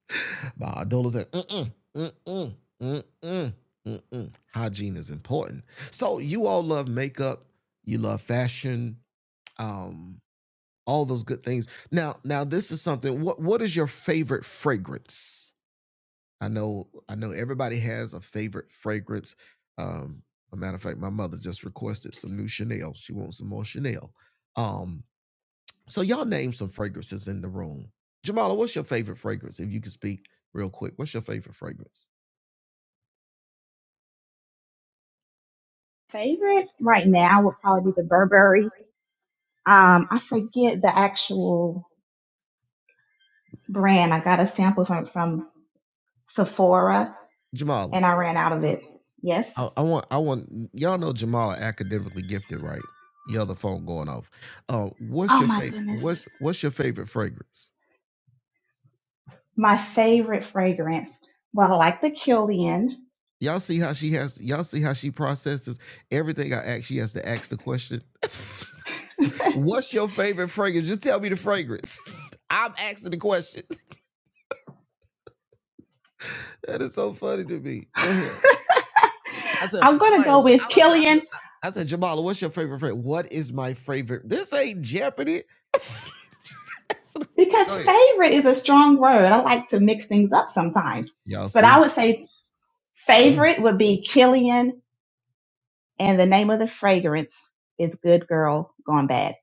Speaker 2: My aunt Dola said, "Mm-mm, mm-mm, mm-mm, mm-mm." Hygiene is important. So you all love makeup. You love fashion. Um, all those good things. Now, now this is something. What what is your favorite fragrance? I know, I know everybody has a favorite fragrance. Um, a matter of fact, my mother just requested some new Chanel. She wants some more Chanel. Um, so y'all name some fragrances in the room. Jamala, what's your favorite fragrance? If you could speak real quick, what's your favorite fragrance?
Speaker 5: favorite right now would probably be the Burberry. Um, I forget the actual brand. I got a sample from, from Sephora
Speaker 2: Jamala,
Speaker 5: and I ran out of it. Yes.
Speaker 2: I, I want, I want y'all know Jamala academically gifted, right? Y'all, the phone going off. Uh, what's
Speaker 5: Oh
Speaker 2: your Oh
Speaker 5: my
Speaker 2: favorite? my
Speaker 5: goodness.
Speaker 2: What's goodness. what's your favorite fragrance?
Speaker 5: My favorite fragrance. Well, I like the Killian.
Speaker 2: Y'all see how she has y'all see how she processes everything I ask, she has to ask the question. What's your favorite fragrance? Just tell me the fragrance. I'm asking the question. That is so funny to me. Go ahead. I said,
Speaker 5: I'm
Speaker 2: I
Speaker 5: going to
Speaker 2: like
Speaker 5: go with
Speaker 2: I said, I said,
Speaker 5: Killian
Speaker 2: I said, Jamala, what's your favorite fragrance? What is my favorite? This ain't Jeopardy.
Speaker 5: because
Speaker 2: Go ahead.
Speaker 5: favorite is a strong word. I like to mix things up sometimes,
Speaker 2: Y'all
Speaker 5: but I
Speaker 2: see?
Speaker 5: would say
Speaker 2: Go ahead.
Speaker 5: favorite would be Killian And the name of the fragrance is Good Girl Gone Bad.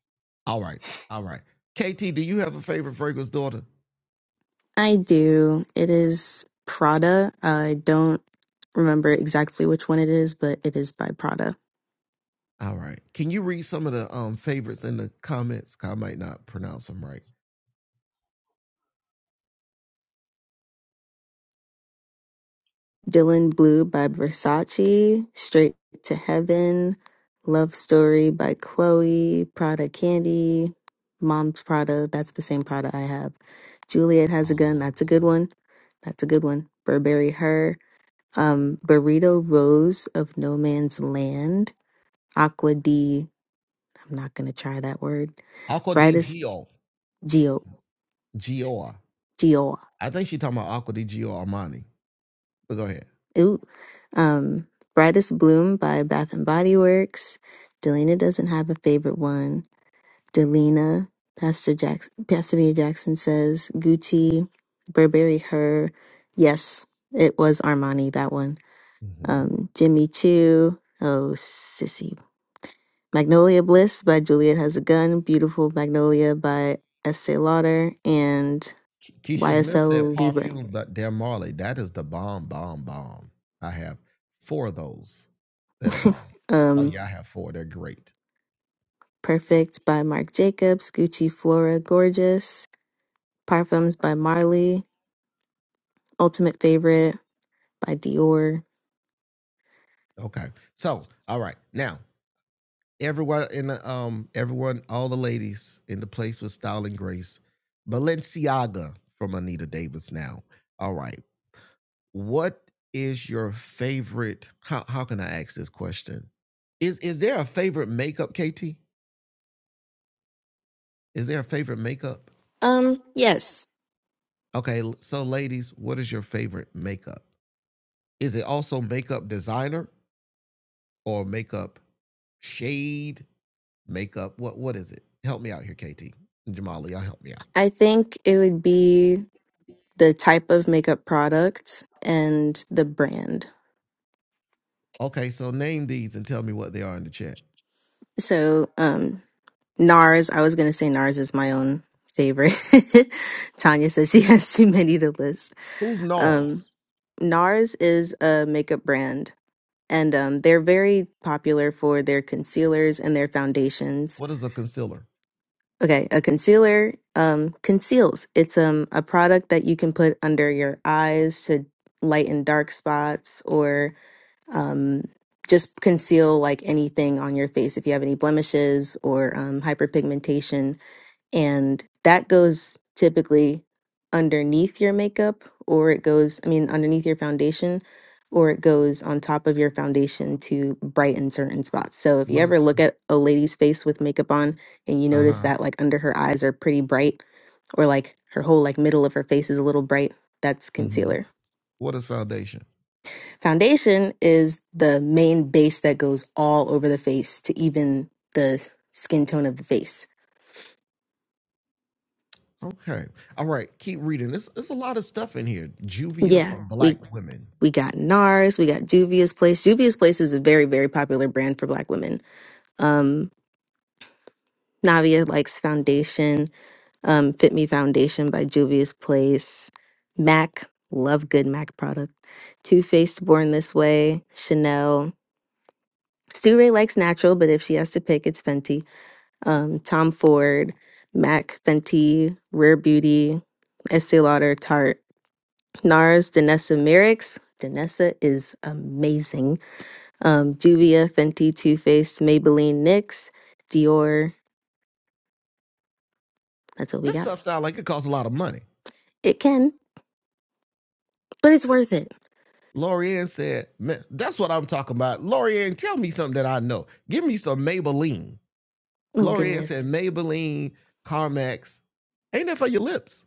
Speaker 2: All right. All right. KT, do you have a favorite fragrance daughter?
Speaker 6: I do. It is Prada. I don't remember exactly which one it is, but it is by Prada.
Speaker 2: All right. Can you read some of the um favorites in the comments? I might not pronounce them right.
Speaker 6: Dylan Blue by Versace. Straight to Heaven. Love Story by Chloe. Prada Candy. Mom's Prada. That's the same Prada I have. Juliet Has a Gun. That's a good one. That's a good one. Burberry Her. Um, Burrito Rose of No Man's Land. Aqua D. I'm not going to try that word.
Speaker 2: Aqua di
Speaker 6: Brightest
Speaker 2: Gio.
Speaker 6: Geo.
Speaker 2: Gioa.
Speaker 6: Dior.
Speaker 2: I think she talking about Aqua di Gio Armani. But go ahead.
Speaker 6: Ooh. Um, Brightest Bloom by Bath and Body Works. Delina doesn't have a favorite one. Delina, Pastor Jackson, Pastor Mia Jackson says Gucci, Burberry Her. Yes, it was Armani that one.
Speaker 2: Mhm.
Speaker 6: Um, Jimmy Choo. Oh, sissy. Magnolia Bliss by Juliet Has a Gun. Beautiful Magnolia by Estee Lauder and
Speaker 2: Keisha Smith said
Speaker 6: YSL Libre.
Speaker 2: perfume, but Dear Marley, that is the bomb, bomb, bomb. I have four of those that are bomb. Oh
Speaker 6: Um,
Speaker 2: yeah, I have four. They're great.
Speaker 6: Perfect by Marc Jacobs, Gucci Flora Gorgeous, Parfums by Marley, Ultimate Favorite by Dior.
Speaker 2: Okay. So, all right. Now, everyone in the um, everyone, all the ladies in the place with style and grace. Balenciaga from Anita Davis now. All right. what is your favorite how how can I ask this question? Is is there a favorite makeup, KT? Is there a favorite makeup?
Speaker 6: Um, yes,
Speaker 2: Okay, l- so ladies, what is your favorite makeup? Is it also makeup designer or makeup shade? makeup. What what is it? Help me out here, KT. Jamali, y'all help me out.
Speaker 6: I think it would be the type of makeup product and the brand.
Speaker 2: Okay, so name these and tell me what they are in the chat.
Speaker 6: So, um, NARS, I was gonna say NARS is my own favorite. Tanya says she has too many to list.
Speaker 2: Who's
Speaker 6: Um,
Speaker 2: NARS?
Speaker 6: NARS is a makeup brand and um, they're very popular for their concealers and their foundations.
Speaker 2: What is a concealer?
Speaker 6: Okay, a concealer um, conceals. It's um, a product that you can put under your eyes to lighten dark spots or um, just conceal like anything on your face if you have any blemishes or um, hyperpigmentation and that goes typically underneath your makeup or it goes i mean underneath your foundation or it goes on top of your foundation to brighten certain spots so if you
Speaker 2: What is
Speaker 6: ever look at a lady's face with makeup on and you notice
Speaker 2: uh-huh.
Speaker 6: that like under her eyes are pretty bright or like her whole like middle of her face is a little bright that's
Speaker 2: Mm-hmm.
Speaker 6: concealer
Speaker 2: What is foundation?
Speaker 6: foundation is the main base that goes all over the face to even the skin tone of the face
Speaker 2: Okay. All right. Keep reading. There's, there's a lot of stuff in here. Juvia
Speaker 6: yeah
Speaker 2: for Yeah.
Speaker 6: we
Speaker 2: black women.
Speaker 6: We got NARS, we got Juvia's Place. Juvia's Place is a very, very popular brand for black women. Um, Navia likes Foundation, um, Fit Me Foundation by Juvia's Place, MAC, love good MAC product, Too Faced Born This Way, Chanel. Stu Ray likes natural, but if she has to pick, it's Fenty. Um, Tom Ford, MAC, Fenty, Rare Beauty, Estee Lauder, Tarte. NARS, Danessa Merrick's. Danessa is amazing. Um, Juvia, Fenty, Too Faced, Maybelline, NYX, Dior. That's what we
Speaker 2: This
Speaker 6: got.
Speaker 2: stuff sounds like it costs a lot of money.
Speaker 6: It can, but it's worth it.
Speaker 2: Lorianne said, Man, that's what I'm talking about. Lorianne, tell me something that I know. Give me some Maybelline.
Speaker 6: Oh,
Speaker 2: Lorianne
Speaker 6: goodness.
Speaker 2: said, Maybelline, Carmex. Ain't that for your lips?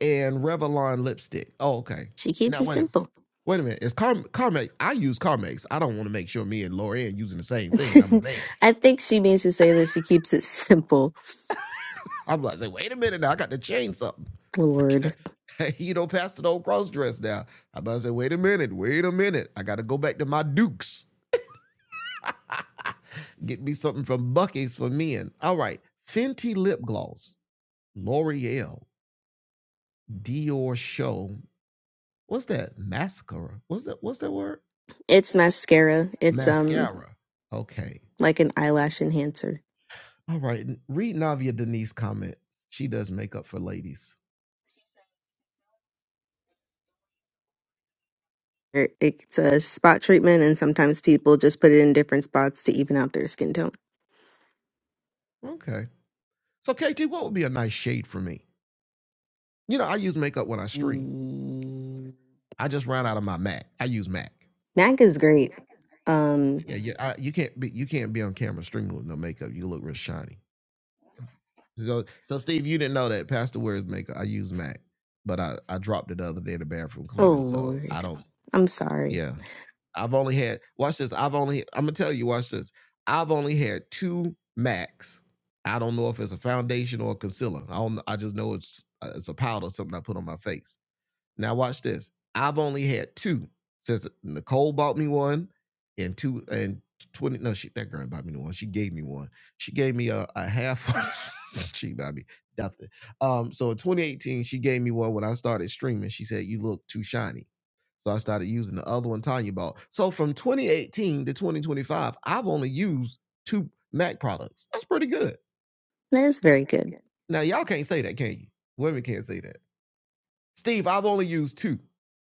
Speaker 2: And Revlon lipstick. Oh, okay.
Speaker 6: She keeps
Speaker 2: Now,
Speaker 6: it
Speaker 2: wait a minute.
Speaker 6: simple.
Speaker 2: Wait a minute. It's Car- Carmex. I use Carmex. I don't want to make sure me and Lorianne using the same thing and I'm a man.
Speaker 6: I think she means to say that she keeps it simple.
Speaker 2: I'm like, say, wait a minute now. I got to change something.
Speaker 6: Oh, Lord.
Speaker 2: you know, past the old cross dress now. I'm about to say, wait a minute, wait a minute. I got to go back to my Dukes. Get me something from Bucky's for men. All right. Fenty lip gloss, L'Oreal, Dior show. What's that? Massacre. What's that? What's that word?
Speaker 6: It's mascara. It's um
Speaker 2: Okay.
Speaker 6: like an eyelash enhancer.
Speaker 2: All right. Read Navia Denise comments. She does makeup for ladies.
Speaker 6: It- It's a spot treatment, and sometimes people just put it in different spots to even out their skin tone.
Speaker 2: Okay. So KT, what would be a nice shade for me? You know, I use makeup when I stream.
Speaker 6: Mm.
Speaker 2: I just ran out of my Mac. I use Mac.
Speaker 6: MAC is great. Um,
Speaker 2: Yeah, I, you can't be you can't be on camera streaming with no makeup. You look real shiny. So, so Steve, you didn't know that Pastor wears makeup. I use Mac, but I I dropped it the other day in the bathroom
Speaker 6: oh
Speaker 2: cleaning. So I
Speaker 6: Lord.
Speaker 2: don't.
Speaker 6: I'm sorry.
Speaker 2: Yeah, I've only had watch this. I've only I'm gonna tell you watch this. I've only had two Macs. I don't know if it's a foundation or a concealer. I don't. I just know it's uh, it's a powder, something I put on my face. Now watch this. I've only had two since Nicole bought me one and two and 20. No, she that girl bought me one. She gave me one. She gave me a, a half one. she bought me nothing. Um, so in 2018, she gave me one when I started streaming. She said, You look too shiny. So I started using the other one Tanya bought. So from 2018 to 2025, I've only used two Mac products. That's pretty good.
Speaker 6: That is very good.
Speaker 2: Now y'all can't say that, can you? Women can't say that. Steve, I've only used two.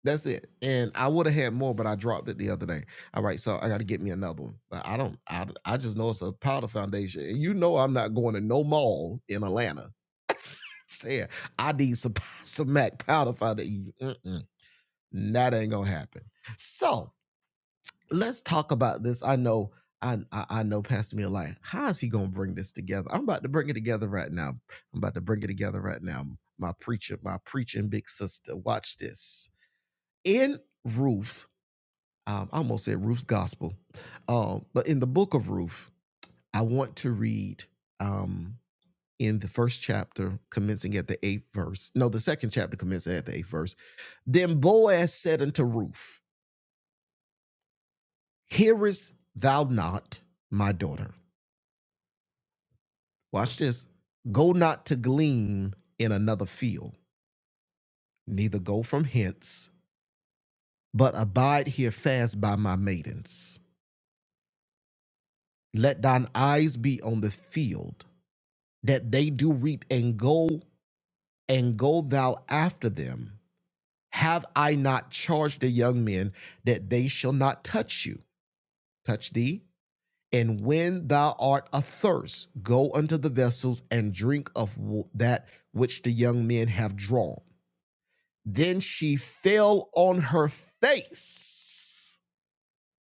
Speaker 2: That's it. And I would have had more, but I dropped it the other day. All right, so I got to get me another one. But I don't. I I just know it's a powder foundation, and you know I'm not going to no mall in Atlanta saying I need some some Mac powder foundation. Mm-mm, that ain't gonna happen. So let's talk about this. I know. I, I I know Pastor Mia like, how is he gonna bring this together? I'm about to bring it together right now. I'm about to bring it together right now. My preacher, my preaching big sister, watch this in Ruth, um, I almost said Ruth's gospel, um, but in the book of Ruth, I want to read um, in the first chapter, commencing at the eighth verse. No, the second chapter, commencing at the eighth verse. Then Boaz said unto Ruth, Hearest thou not, my daughter? Watch this. Go not to glean in another field, neither go from hence, but abide here fast by my maidens. Let thine eyes be on the field that they do reap and go and go thou after them have i not charged the young men that they shall not touch you touch thee and when thou art athirst go unto the vessels and drink of that which the young men have drawn then she fell on her face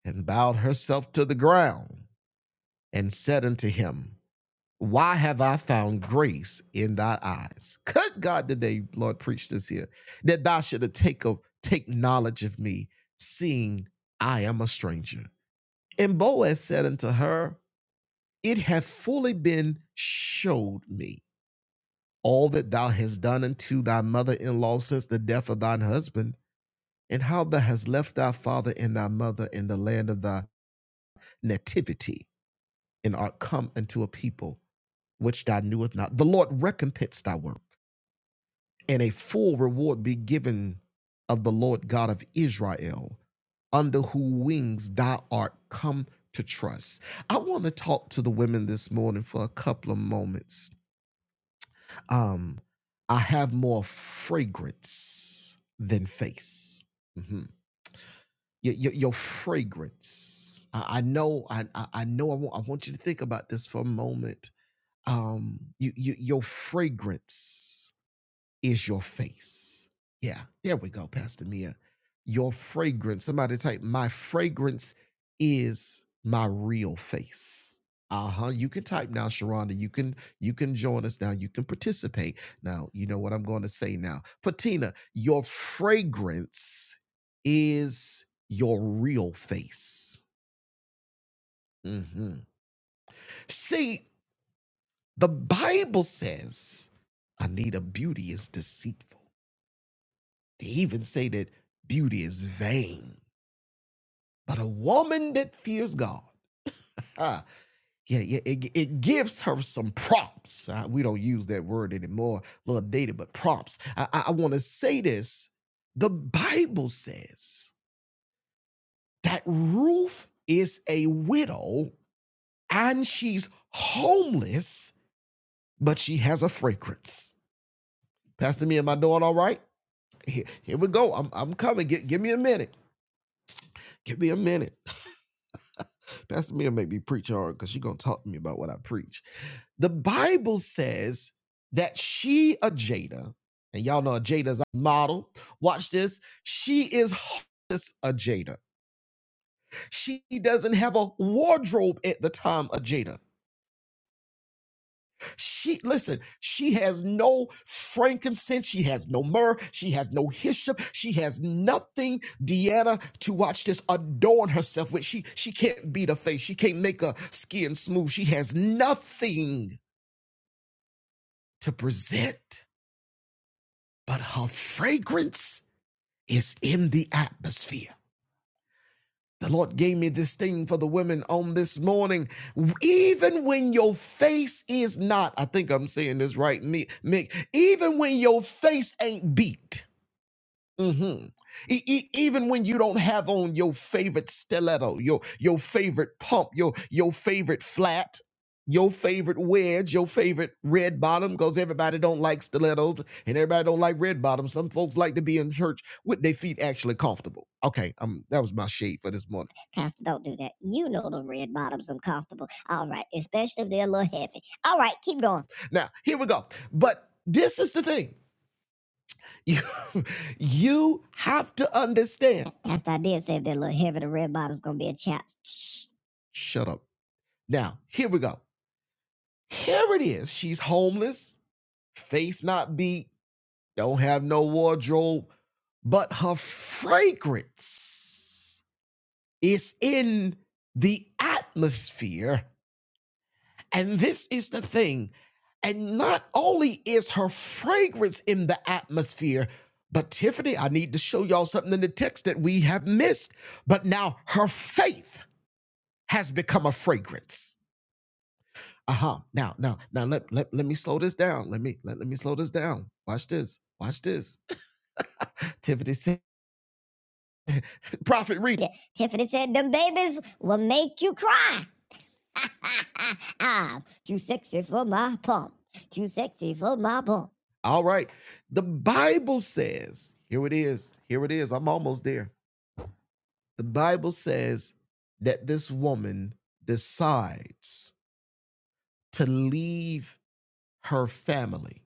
Speaker 2: and bowed herself to the ground and said unto him Why have I found grace in thy eyes? Could God today, Lord, preach this here, that thou should take of take knowledge of me, seeing I am a stranger. And Boaz said unto her, It hath fully been showed me all that thou hast done unto thy mother-in-law since the death of thine husband, and how thou hast left thy father and thy mother in the land of thy nativity, and art come unto a people which thou knewest not. The Lord recompense thy work. and a full reward be given of the Lord God of Israel, under whose wings thou art come to trust. I want to talk to the women this morning for a couple of moments. Um, I have more fragrance than face. Mhm. Your, your, your fragrance. I, I know. I I know. I want. I want you to think about this for a moment. Um, you, you your fragrance is your face. Yeah, there we go, Pastor Mia. Your fragrance. Somebody type, my fragrance is my real face. Uh-huh. You can type now, Sharonda. You can you can join us now. You can participate. Now, you know what I'm going to say now. Patina, your fragrance is your real face. Mhm. See, the Bible says, Anita, beauty is deceitful They even say that beauty is vain, but a woman that fears God, ah, yeah, yeah, it, it gives her some props. Uh, we don't use that word anymore, a little dated, but props. I, I, I want to say this. The Bible says that Ruth is a widow and she's homeless, but she has a fragrance. Pastor, me and my daughter, all right? Here, here we go. I'm, I'm coming. Gi- give me a minute. Give me a minute. Pastor Mia make me preach hard because she's gonna talk to me about what I preach. The Bible says that she, a Jada, and y'all know a a model. Watch this. She is homeless, a Jada. She doesn't have a wardrobe at the time, a Jada. She listen, she has no frankincense, she has no myrrh, she has no hyssop, she has nothing, Deanna, to watch this adorn herself with. She she can't beat her face, she can't make her skin smooth. She has nothing to present, but her fragrance is in the atmosphere. The Lord gave me this thing for the women on this morning. Even when your face is not, I think I'm saying this right, Mick, even when your face ain't beat. Mm-hmm. E- e- even when you don't have on your favorite stiletto, your your favorite pump, your your favorite flat, your favorite wedge, your favorite red bottom, because everybody don't like stilettos and everybody don't like red bottoms. Some folks like to be in church with their feet actually comfortable. Okay, um, that was my shade for this morning. Pastor, don't do that. You know the red bottoms are comfortable. All right, especially if they're a little heavy. All right, keep going. Now here we go. But this is the thing. You, you have to understand. Pastor, I did say if that little heavy, the red bottle's gonna be a chap. Shut up. Now, here we go. Here it is. She's homeless, face not beat, don't have no wardrobe, but her fragrance is in the atmosphere And this is the thing. And not only is her fragrance in the atmosphere, but Tiffany, I need to show y'all something in the text that we have missed. But now her faith has become a fragrance. Uh-huh. Now, now, now let, let, let me slow this down. Let me let, let me slow this down. Watch this. Watch this. Tiffany said, Prophet, read. it." Yeah. Tiffany said, Them babies will make you cry. Ah, Too sexy for my pump. Too sexy for my pump. All right. The Bible says, here it is. Here it is. I'm almost there. The Bible says that this woman decides to leave her family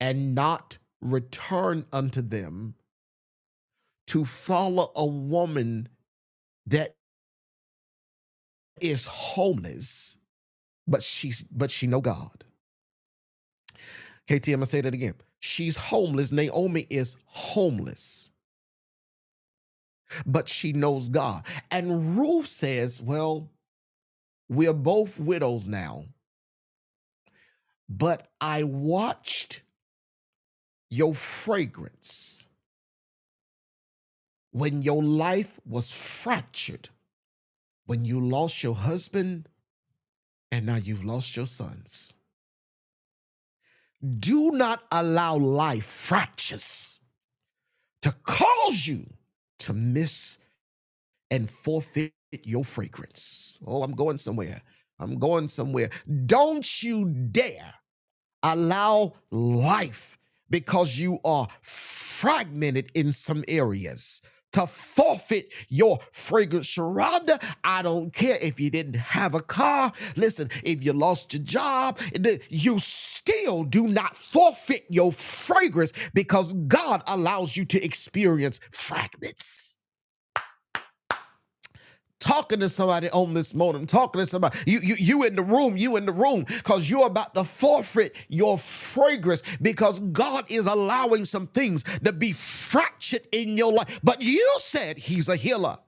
Speaker 2: and not return unto them to follow a woman that is homeless, but she's but she know God. KT, I'm gonna say that again. She's homeless. Naomi is homeless, but she knows God. And Ruth says, Well, we're both widows now, but I watched your fragrance when your life was fractured, when you lost your husband, and now you've lost your sons. Do not allow life fractures to cause you to miss and forfeit your fragrance. Oh, I'm going somewhere. I'm going somewhere. Don't you dare allow life because you are fragmented in some areas to forfeit your fragrance. Sharonda, I don't care if you didn't have a car. Listen, if you lost your job, you still do not forfeit your fragrance because God allows you to experience fragments talking to somebody on this morning. talking to somebody. You, you, you in the room, you in the room, because you're about to forfeit your fragrance because God is allowing some things to be fractured in your life. But you said he's a healer.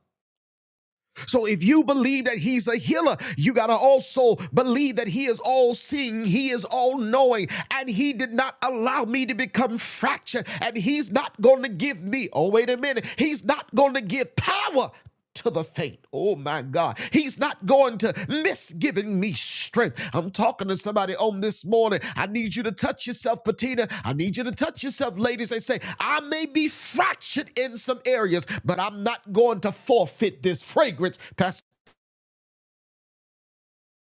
Speaker 2: So if you believe that he's a healer, you got to also believe that he is all seeing, he is all knowing, and he did not allow me to become fractured, and he's not going to give me, oh, wait a minute, he's not going to give power to the faint. Oh, my my God. He's not going to miss giving me strength. I'm talking to somebody on this morning. I need you to touch yourself, Patina. I need you to touch yourself, ladies. They say, I may be fractured in some areas, but I'm not going to forfeit this fragrance. Pastor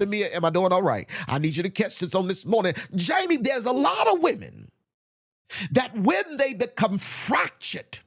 Speaker 2: Mia, am I doing all right? I need you to catch this on this morning. Jamie, there's a lot of women that when they become fractured,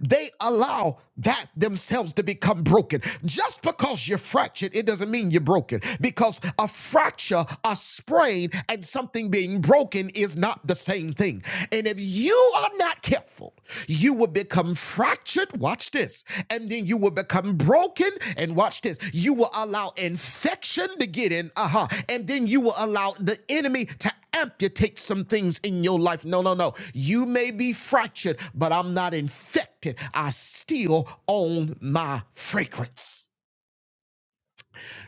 Speaker 2: They allow that themselves to become broken. Just because you're fractured, it doesn't mean you're broken. Because a fracture, a sprain, and something being broken is not the same thing. And if you are not careful, you will become fractured. Watch this and then you will become broken. And watch this you will allow infection to get in, uh huh, and then you will allow the enemy to amputate some things in your life. No, no, no. You may be fractured, but I'm not infected. I still own my fragrance.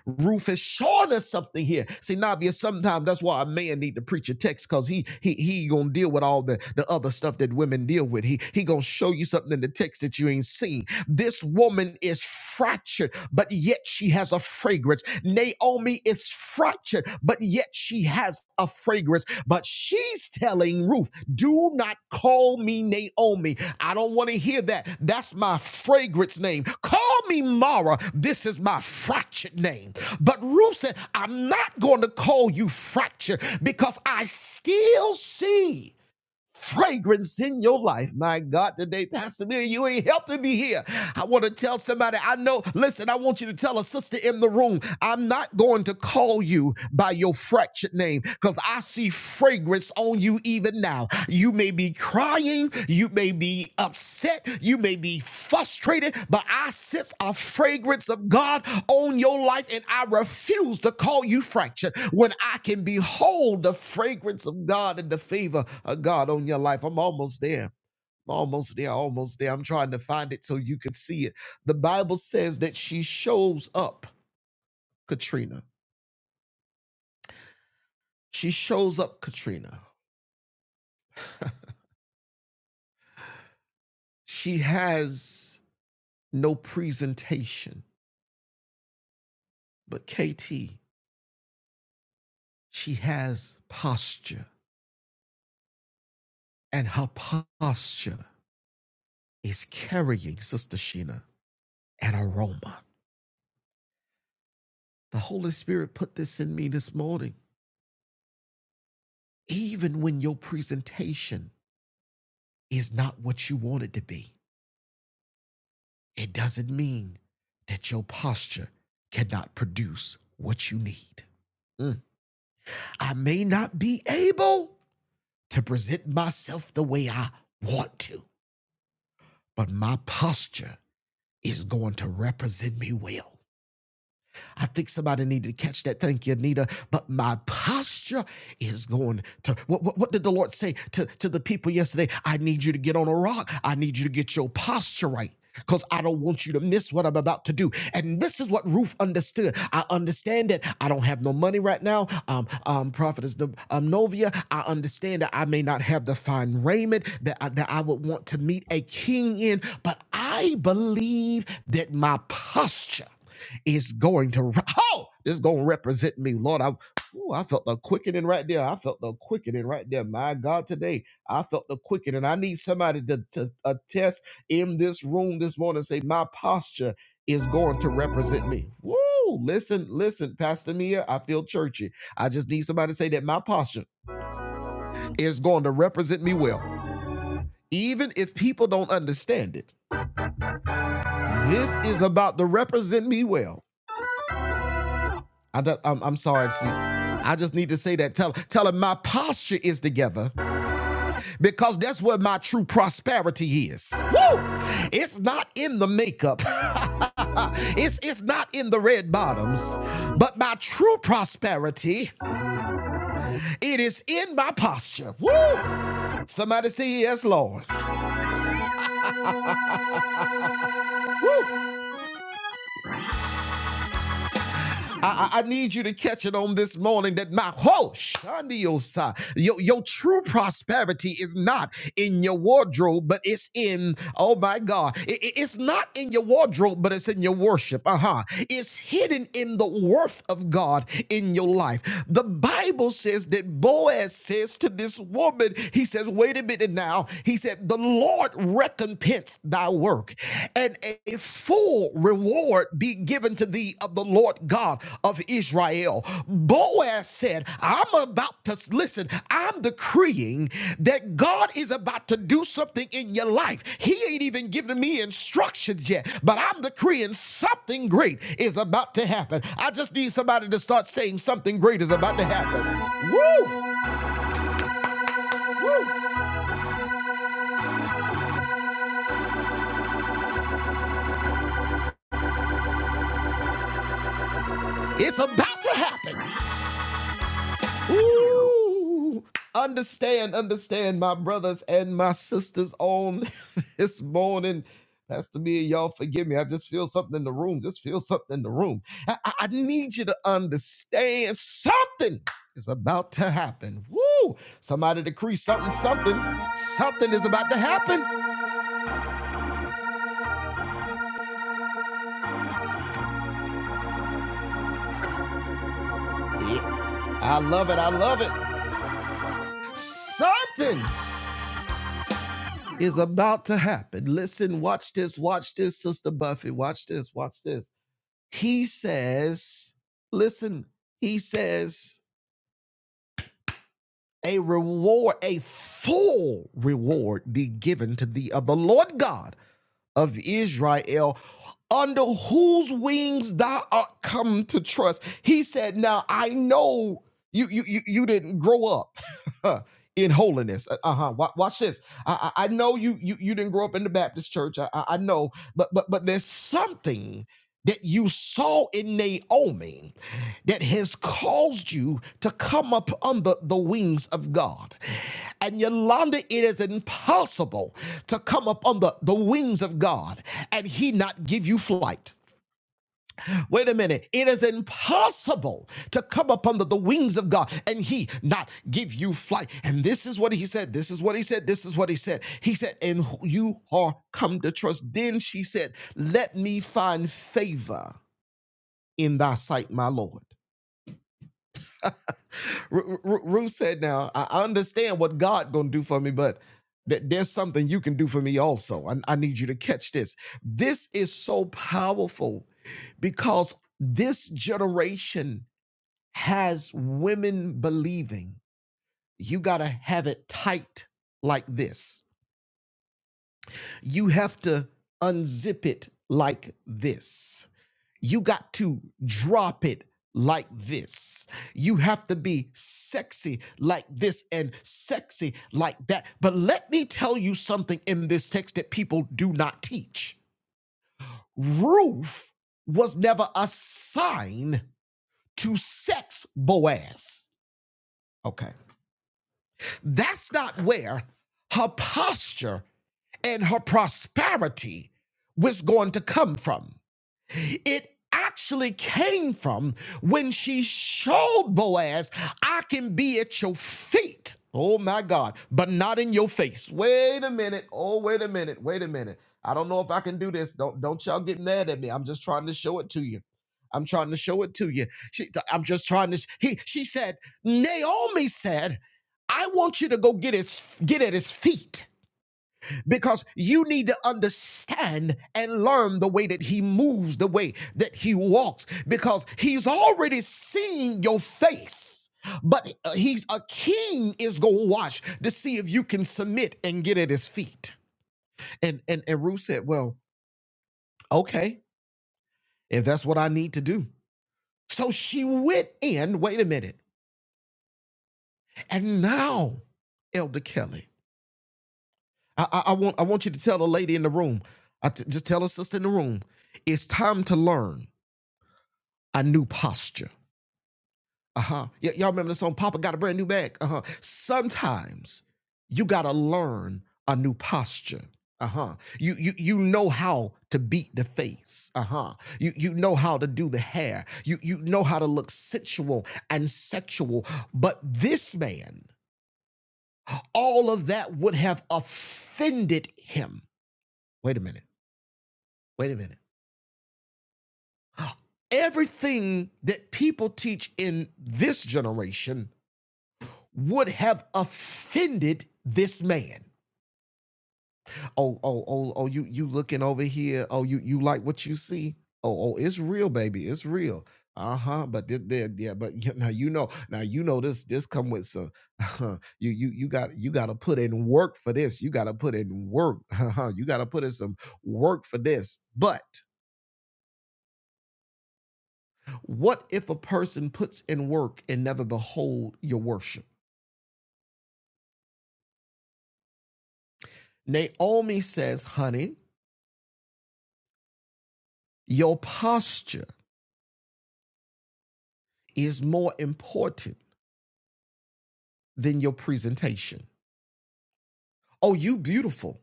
Speaker 2: Rufus showed us something here. See, Navia, sometimes that's why a man need to preach a text because he he he gonna deal with all the, the other stuff that women deal with. He he gonna show you something in the text that you ain't seen. This woman is fractured, but yet she has a fragrance. Naomi is fractured, but yet she has a fragrance. But she's telling Ruth. Do not call me Naomi. I don't want to hear that. That's my fragrance name. Call me Mara. This is my fractured name. But Ruth said, I'm not going to call you fractured because I still see fragrance in your life. My God, today, Pastor Bill, you ain't helping me here. I want to tell somebody, I know, listen, I want you to tell a sister in the room, I'm not going to call you by your fractured name because I see fragrance on you even now. You may be crying, you may be upset, you may be frustrated, but I sense a fragrance of God on your life, and I refuse to call you fractured when I can behold the fragrance of God and the favor of God on your life. I'm almost there. Almost there, almost there. I'm trying to find it so you can see it. The Bible says that she shows up, Katrina. She shows up, Katrina. She has no presentation, but KT. she has posture, and her posture is carrying Sister Sheena an aroma. The Holy Spirit put this in me this morning. Even when your presentation is not what you want it to be, it doesn't mean that your posture cannot produce what you need. Mm. I may not be able to present myself the way I want to, but my posture is going to represent me well. I think somebody needed to catch that. Thank you, Anita. But my posture is going to what, what, what did the Lord say to, to the people yesterday? I need you to get on a rock. I need you to get your posture right. Because I don't want you to miss what I'm about to do. And this is what Ruth understood. I understand that I don't have no money right now. Um, um, Prophetess No- um, Novia, I understand that I may not have the fine raiment that I, that I would want to meet a king in, but I believe that my posture is going to oh, this is going to represent me, Lord. I ooh, I felt the quickening right there. I felt the quickening right there. My God, today I felt the quickening. I need somebody to, to attest in this room this morning. and Say my posture is going to represent me. Woo! Listen, listen, Pastor Mia. I feel churchy. I just need somebody to say that my posture is going to represent me well, even if people don't understand it. This is about to represent me well I do, I'm, I'm sorry, see. I just need to say that. Tell, tell him my posture is together because that's where my true prosperity is. Woo! It's not in the makeup. it's it's not in the red bottoms, but my true prosperity it is in my posture. Woo! Somebody say yes, Lord. Woo! I, I- need you to catch it on this morning that my whole shandiosa, your, your true prosperity is not in your wardrobe, but it's in, oh my God, I- I- it's not in your wardrobe, but it's in your worship. Uh huh. It's hidden in the worth of God in your life. The Bible says that Boaz says to this woman, he says, wait a minute now. He said, the Lord recompensed thy work and a full reward be given to thee of the Lord God of Israel. Boaz said, I'm about to listen, I'm decreeing that God is about to do something in your life. He ain't even given me instructions yet, but I'm decreeing something great is about to happen. I just need somebody to start saying something great is about to happen. Woo! Woo! It's about to happen. Ooh, understand, understand, my brothers and my sisters on this morning. Pastor me and y'all forgive me. I just feel something in the room. Just feel something in the room. I, I- I need you to understand something is about to happen. Woo! Somebody decree something, something, something is about to happen. Yeah. I love it. I love it. Something is about to happen. Listen, watch this, watch this, Sister Buffy. Watch this, watch this. He says, listen, he says, a reward, a full reward be given to thee of the Lord God of Israel, under whose wings thou art come to trust. He said, Now I know you you you, you didn't grow up. In holiness, uh huh. Watch this. I, I I know you you you didn't grow up in the Baptist church. I, I I know, but but but there's something that you saw in Naomi that has caused you to come up under the wings of God. And Yolanda, it is impossible to come up under the wings of God and He not give you flight. Wait a minute. It is impossible to come up under the wings of God and He not give you flight. And this is what He said. This is what He said. This is what He said. He said, And you are come to trust. Then she said, Let me find favor in thy sight, my Lord. Ru- Ru- Ruth said, now, I understand what God going to do for me, but that there's something you can do for me also. I, I need you to catch this. This is so powerful because this generation has women believing you got to have it tight like this. You have to unzip it like this You got to drop it like this. You have to be sexy like this and sexy like that. But let me tell you something in this text that people do not teach. Ruth was never assigned to sex Boaz. Okay. That's not where her posture and her prosperity was going to come from. It actually came from when she showed Boaz, I can be at your feet. Oh my God, but not in your face. Wait a minute. Oh, wait a minute. Wait a minute. I don't know if I can do this. Don't don't y'all get mad at me. I'm just trying to show it to you. I'm trying to show it to you. She, I'm just trying to. He, she said, Naomi said, I want you to go get his get at his feet because you need to understand and learn the way that he moves, the way that he walks, because he's already seen your face. But uh, he's a king is gonna watch to see if you can submit and get at his feet. And and and Ruth said, "Well, okay, if that's what I need to do." So she went in. Wait a minute, and now, Elder Kelly. I, I, I want I want you to tell the lady in the room. I t- just tell a sister in the room. It's time to learn a new posture. Uh huh. Y- y'all remember the song "Papa Got a Brand New Bag"? Uh huh. Sometimes you gotta learn a new posture. Uh huh. You you you know how to beat the face. Uh huh. You you know how to do the hair. You you know how to look sensual and sexual. But this man, all of that would have offended him. Wait a minute. Wait a minute Everything that people teach in this generation would have offended this man. Oh, oh, oh, oh, you you looking over here. Oh, you you like what you see? Oh, oh, it's real, baby. It's real. Uh-huh. But thi- there, yeah, but you- now you know, now you know this this come with some uh-huh. you you you got you gotta put in work for this. You gotta put in work. Uh-huh. you gotta put in some work for this. But What if a person puts in work and never behold your worship? Naomi says, honey, your posture is more important than your presentation. Oh, you beautiful.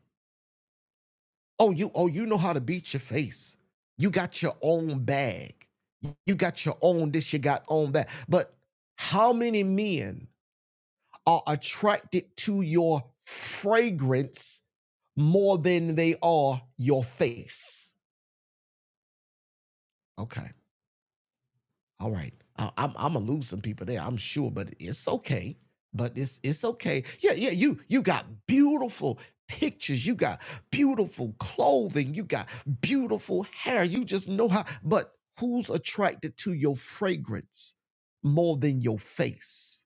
Speaker 2: Oh, you oh, you know how to beat your face. You got your own bag. You got your own this, you got own that. But how many men are attracted to your fragrance more than they are your face? Okay. All right. I, I'm I'm gonna lose some people there, I'm sure, but it's okay. But it's it's okay. Yeah, yeah. You you got beautiful pictures. You got beautiful clothing. You got beautiful hair. You just know how. But who's attracted to your fragrance more than your face?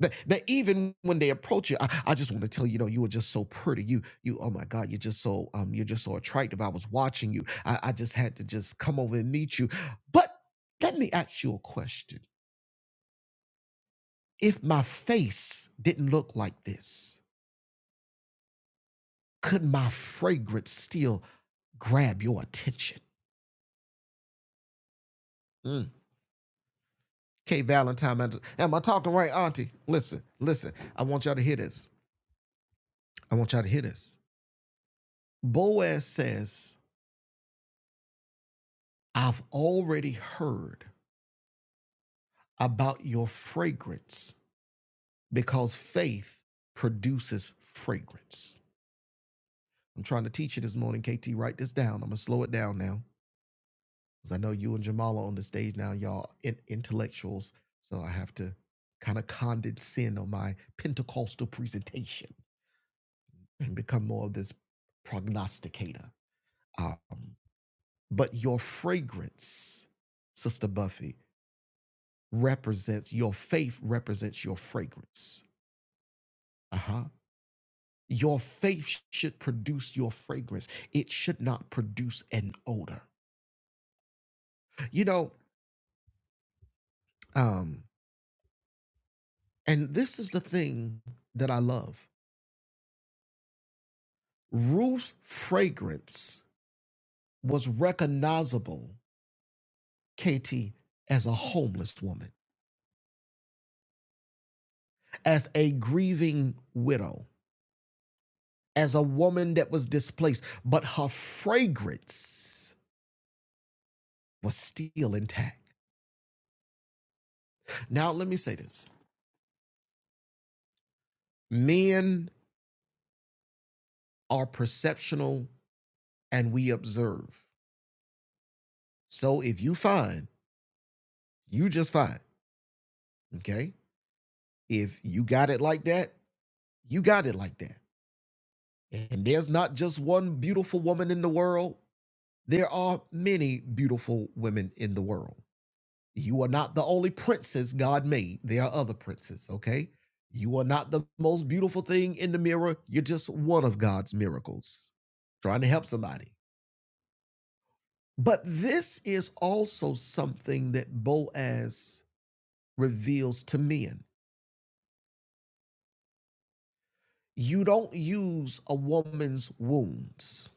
Speaker 2: That, that even when they approach you, I, I just want to tell you, you know, you were just so pretty. You, you, oh my God, you're just so, um, you're just so attractive. I was watching you. I, I just had to just come over and meet you. But let me ask you a question. If my face didn't look like this, could my fragrance still grab your attention? Mm. Okay, Valentine, am am I talking right, Auntie? Listen, listen. I want y'all to hear this. I want y'all to hear this. Boaz says, I've already heard about your fragrance because faith produces fragrance. I'm trying to teach you this morning, KT. Write this down. I'm going to slow it down now because I know you and Jamal are on the stage now. Y'all in- intellectuals. So I have to kind of condescend on my Pentecostal presentation and become more of this prognosticator. Um, but your fragrance, Sister Buffy, represents your faith, represents your fragrance. Uh-huh. Your faith should produce your fragrance. It should not produce an odor. You know, um, and this is the thing that I love. Ruth's fragrance was recognizable, Katie, as a homeless woman, as a grieving widow, as a woman that was displaced, but her fragrance was still intact. Now, let me say this men are perceptional and we observe. So if you fine, you just fine, Okay. If you got it like that, you got it like that. And there's not just one beautiful woman in the world, there are many beautiful women in the world. You are not the only princess God made, there are other princes. Okay. You are not the most beautiful thing in the mirror, you're just one of God's miracles. Trying to help somebody. But this is also something that Boaz reveals to men You don't use a woman's wounds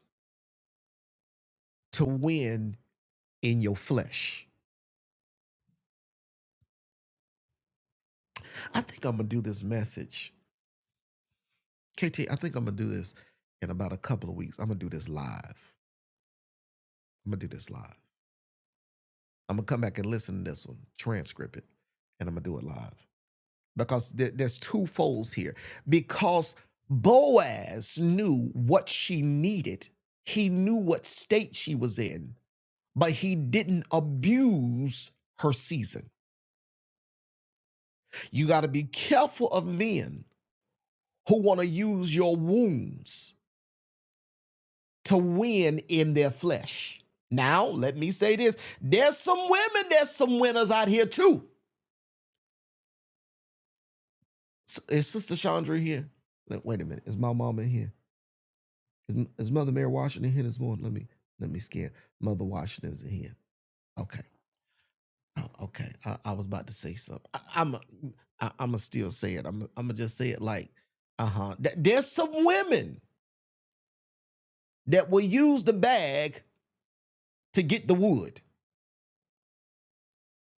Speaker 2: to win in your flesh. I think I'm gonna do this message. KT, I think I'm gonna do this in about a couple of weeks. I'm gonna do this live. I'm gonna do this live. I'm gonna come back and listen to this one, transcript it, and I'm gonna do it live. Because there- there's two folds here. Because Boaz knew what she needed, he knew what state she was in, but he didn't abuse her season. You got to be careful of men who want to use your wounds to win in their flesh. Now, let me say this there's some women, there's some winners out here too. Is Sister Chandra here? Wait a minute. Is my mama in here? Is, is Mother Mary Washington here this morning? Let me let me scare. Mother Washington's in here. Okay. Oh, okay. I, I was about to say something. I, I'm a, I, I'm gonna still say it. I'm I'm gonna just say it like, uh huh. There's some women that will use the bag to get the wood.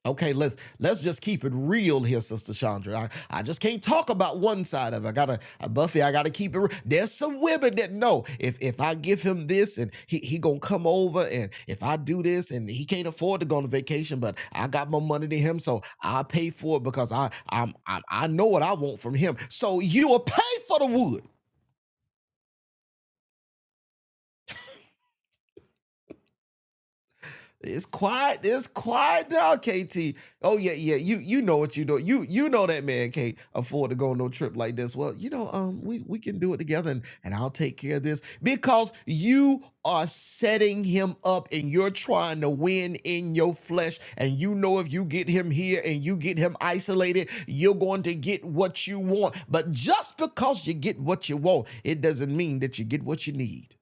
Speaker 2: Okay, let's let's just keep it real here, Sister Chandra. I, I just can't talk about one side of it. I gotta uh, Buffy, I gotta keep it real. There's some women that know if if I give him this and he, he gonna come over and if I do this and he can't afford to go on vacation, but I got more money than him, so I pay for it because I I'm, I'm I know what I want from him. So you'll pay for the wood. It's quiet. It's quiet now, KT. Oh yeah, yeah. You you know what you do. You you know that man can't afford to go on no trip like this. Well, you know, um, we we can do it together, and and I'll take care of this because you are setting him up, and you're trying to win in your flesh. And you know, if you get him here and you get him isolated, you're going to get what you want. But just because you get what you want, it doesn't mean that you get what you need.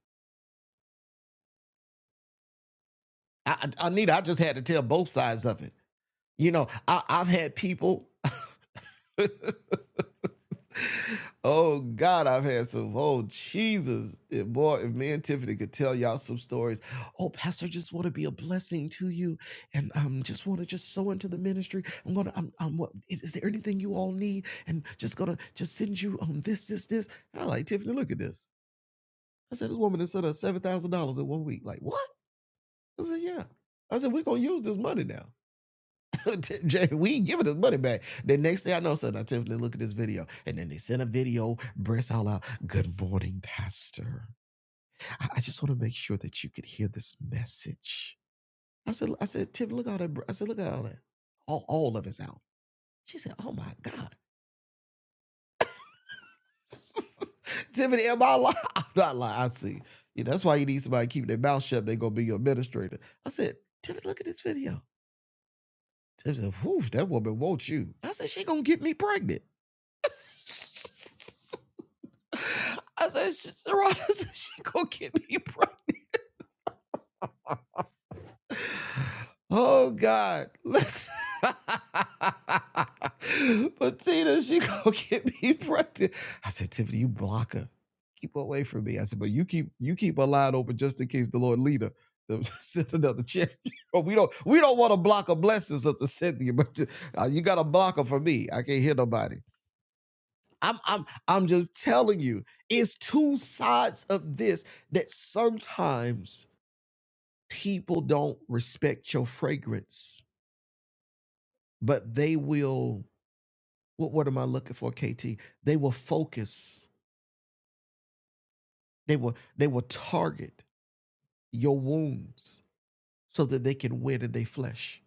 Speaker 2: I, I, Anita, I just had to tell both sides of it. You know, I, I've had people. Oh God, I've had some. Oh Jesus, If- boy! If me and Tiffany could tell y'all some stories. Oh, Pastor, just want to be a blessing to you, and um, just want to just sow into the ministry. I'm gonna, I'm, I'm. What is there anything you all need? And just gonna just send you um this, this, this. And I'm like Tiffany, look at this. I said this woman has sent us seven thousand dollars in one week. Like what? I said yeah. I said we're gonna use this money now. Jay, we ain't giving his money back. The next thing I know, son, I Tiffany, look at this video. And then they sent a video, breasts all out. Good morning, Pastor. I, I just want to make sure that you could hear this message. I said, I said, Tiffany, look at all that. bre- I said, look at all that. All, all of it's out. She said, Oh my God. Tiffany, am I lying? I'm not lying. I see. Yeah, that's why you need somebody to keep their mouth shut. They're gonna be your administrator. I said, Tiffany, look at this video. Tiffany said, Whew, that woman wants you. I said, she gonna get me pregnant. I said, "Sh- I said, she gonna get me pregnant. Oh God. Listen. but Tina, she gonna get me pregnant. I said, Tiffany, you block her. Keep her away from me. I said, but you keep you keep her line open just in case the Lord lead her. to Send another check. But we don't we don't want to block a blessing, Sister Cynthia. But uh, you got to block her for me. I can't hear nobody. I'm I'm I'm just telling you, it's two sides of this that sometimes people don't respect your fragrance, but they will what what am I looking for, KT? They will focus, they will they will target your wounds so that they can win in their flesh.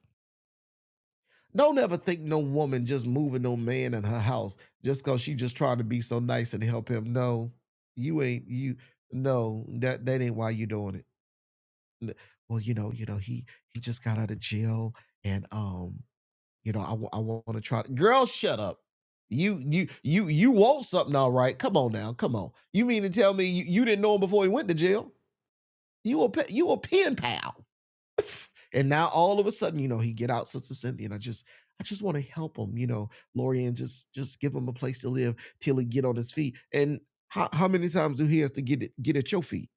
Speaker 2: Don't ever think no woman just moving no man in her house just cause she just trying to be so nice and help him. No, you ain't you no, that that ain't why you doing it n- well you know you know he he just got out of jail and um you know i, I want to try to-" girl shut up you you you you want something all right come on now come on you mean to tell me you, you didn't know him before he went to jail you a pe- you a pen pal and now all of a sudden you know he get out sister cynthia and i just i just want to help him you know lori and just just give him a place to live till he get on his feet and how, how many times do he have to get it get at your feet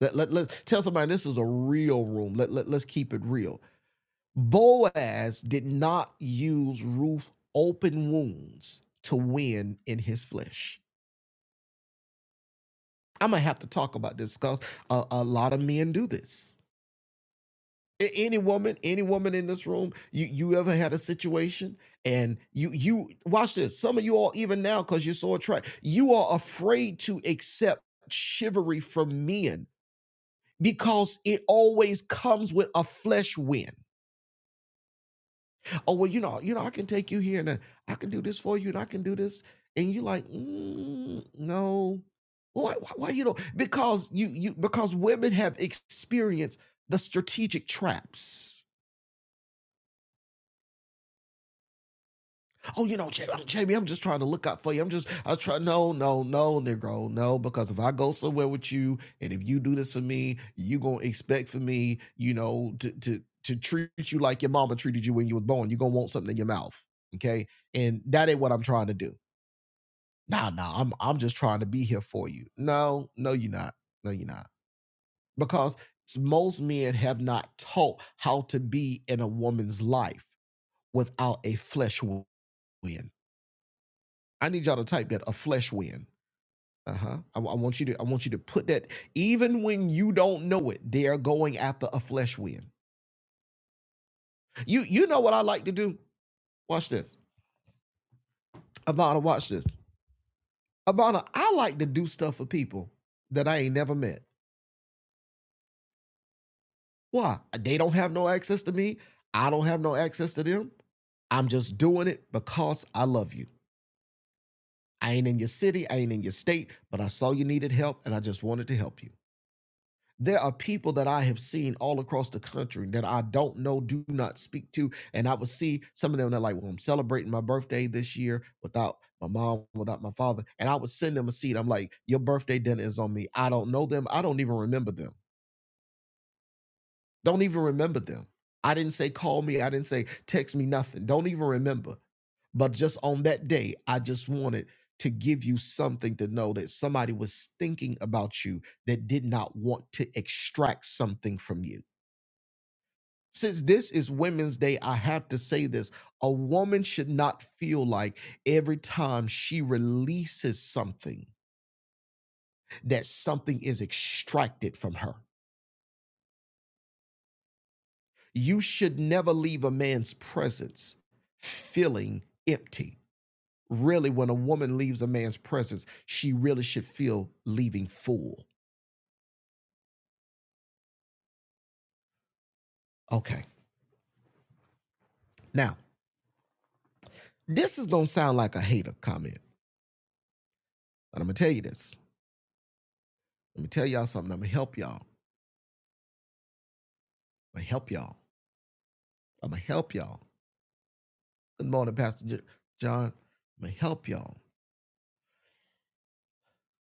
Speaker 2: let, let, let tell somebody this is a real room let, let let's keep it real Boaz did not use Ruth open wounds to win in his flesh. I'm gonna have to talk about this because a, a lot of men do this. Any woman, any woman in this room, you you ever had a situation and you you watch this. Some of you all even now because you're so attracted, you are afraid to accept chivalry from men because it always comes with a flesh win. oh well you know you know i can take you here and uh, i can do this for you and i can do this and you like mm, no why, why, why you don't because you you because women have experienced the strategic traps oh you know jamie, I'm, jamie i'm just trying to look out for you i'm just i was trying no no no negro no because if i go somewhere with you and if you do this for me you gonna expect for me you know to to to treat you like your mama treated you when you was born you gonna want something in your mouth okay and that ain't what i'm trying to do nah, nah, I'm I'm just trying to be here for you. No, no, you're not. No, you're not. Because s- most men have not taught how to be in a woman's life without a flesh w- win. I need y'all to type that a flesh win. Uh-huh. I, w- I want you to I want you to put that even when you don't know it, they are going after a flesh win. You you know what I like to do? Watch this. Ivana, watch this. Ivana, I like to do stuff for people that I ain't never met. Why? They don't have no access to me. I don't have no access to them. I'm just doing it because I love you. I ain't in your city, I ain't in your state, but I saw you needed help and I just wanted to help you. There are people that I have seen all across the country that I don't know, do not speak to. And I would see some of them that, like, well, I'm celebrating my birthday this year without my mom, without my father. And I would send them a seed. I'm like, your birthday dinner is on me. I don't know them. I don't even remember them. Don't even remember them. I didn't say call me. I didn't say text me nothing. Don't even remember. But just on that day, I just wanted to give you something to know that somebody was thinking about you that did not want to extract something from you. Since this is Women's Day, I have to say this. A woman should not feel like every time she releases something, that something is extracted from her. You should never leave a man's presence feeling empty. Really, when a woman leaves a man's presence, she really should feel leaving full. Okay. Now, this is going to sound like a hater comment, but I'm going to tell you this. Let me tell y'all something. I'm going to help y'all. I'm going to help y'all. I'm going to help y'all. Good morning, Pastor J- John. I'm going to help y'all.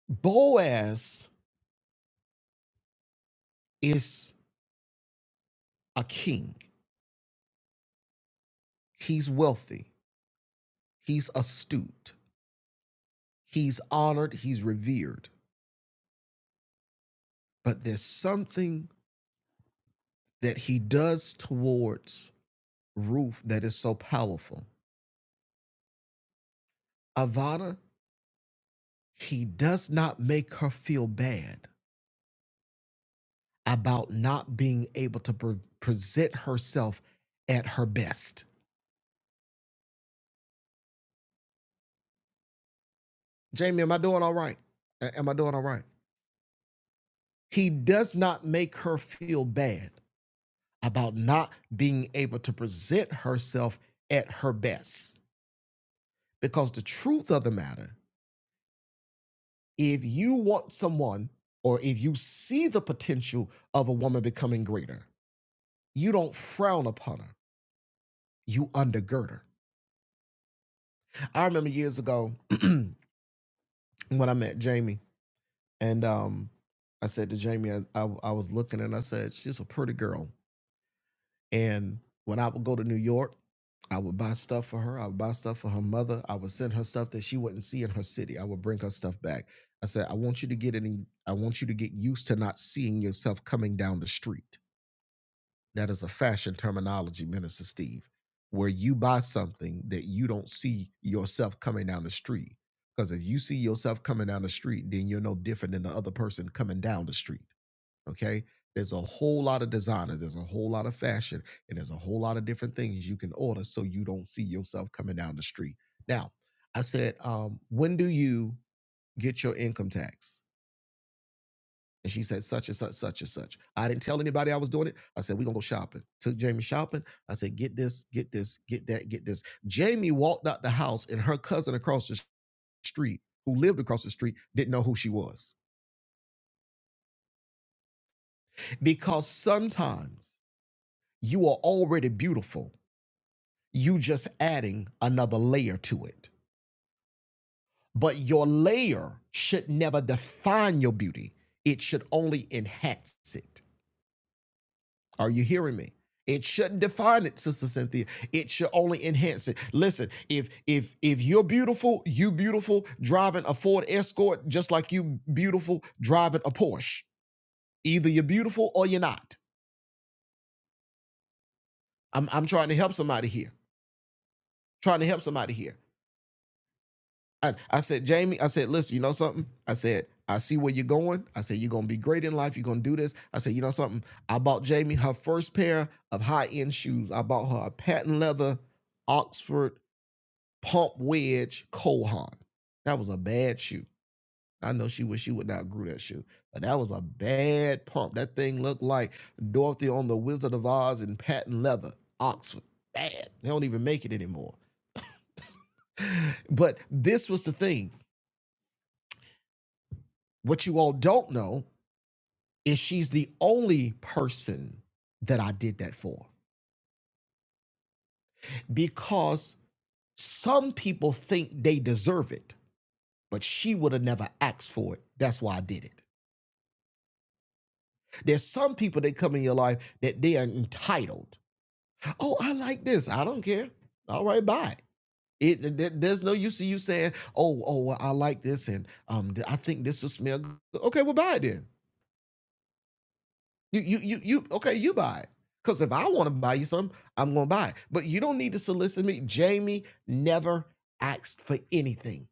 Speaker 2: Boaz is a king. He's wealthy. He's astute. He's honored. He's revered but there's something that he does towards Ruth that is so powerful. Avada, he does not make her feel bad about not being able to pre- present herself at her best. Jamie, am I doing all right? Am I doing all right? He does not make her feel bad about not being able to present herself at her best because the truth of the matter if you want someone or if you see the potential of a woman becoming greater, you don't frown upon her, you undergird her. I remember years ago when I met Jamie, and um, I said to Jamie, I, I, I was looking and I said, She's a pretty girl. And when I would go to New York, I would buy stuff for her. I would buy stuff for her mother. I would send her stuff that she wouldn't see in her city. I would bring her stuff back. I said, I want you to get any, I want you to get used to not seeing yourself coming down the street. That is a fashion terminology, Minister Steve, where you buy something that you don't see yourself coming down the street. Because if you see yourself coming down the street, then you're no different than the other person coming down the street. Okay. There's a whole lot of designer, there's a whole lot of fashion, and there's a whole lot of different things you can order so you don't see yourself coming down the street. Now, I said, um, when do you get your income tax? And she said, such and such, such and such. I didn't tell anybody I was doing it. I said, we're gonna go shopping. Took Jamie shopping. I said, get this, get this, get that, get this. Jamie walked out the house and her cousin across the street, who lived across the street, didn't know who she was. Because sometimes you are already beautiful. You just adding another layer to it. But your layer should never define your beauty. It should only enhance it. Are you hearing me? It shouldn't define it, Sister Cynthia. It should only enhance it. Listen, if if if you're beautiful, you beautiful driving a Ford Escort, just like you beautiful driving a Porsche. Either you're beautiful or you're not. I'm I'm trying to help somebody here. Trying to help somebody here. I, I said, Jamie, I said, listen, you know something? I said, I see where you're going. I said, you're gonna be great in life. You're gonna do this. I said, you know something? I bought Jamie her first pair of high-end shoes. I bought her a patent leather Oxford Pump Wedge Kohan. That was a bad shoe. I know she wish she would not grew that shoe, but that was a bad pump. That thing looked like Dorothy on the Wizard of Oz in patent leather, Oxford. Bad. They don't even make it anymore. But this was the thing. What you all don't know is she's the only person that I did that for because some people think they deserve it, but she would have never asked for it. That's why I did it. There's some people that come in your life that they are entitled. Oh, I like this. I don't care. All right, bye. It, th- there's no use of you saying, "Oh, oh, well, I like this, and um, I think this will smell good." Okay, well, buy it then. You, you, you, you. Okay, you buy it. Because if I want to buy you something, I'm gonna buy it. But you don't need to solicit me. Jamie never asked for anything.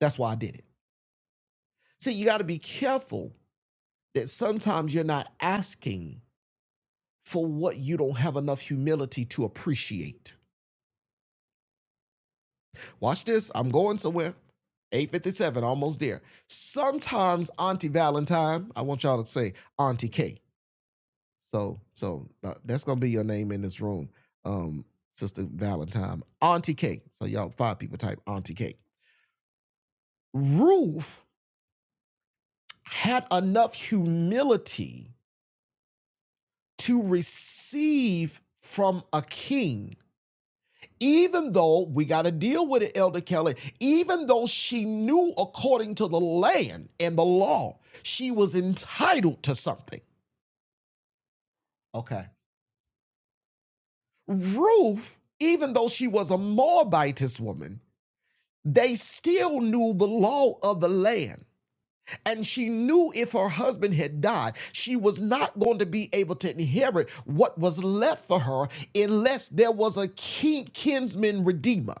Speaker 2: That's why I did it. See, you got to be careful that sometimes you're not asking for what you don't have enough humility to appreciate Watch this. I'm going somewhere. 857, almost there. Sometimes Auntie Valentine, I want y'all to say Auntie K. So, so uh, that's gonna be your name in this room, um, Sister Valentine, Auntie K. So y'all five people type Auntie K. Ruth had enough humility to receive from a king even though we got to deal with it, Elder Kelly, even though she knew according to the land and the law, she was entitled to something. Okay. Ruth, even though she was a Moabitess woman, they still knew the law of the land. And she knew if her husband had died, she was not going to be able to inherit what was left for her unless there was a kin- kinsman redeemer.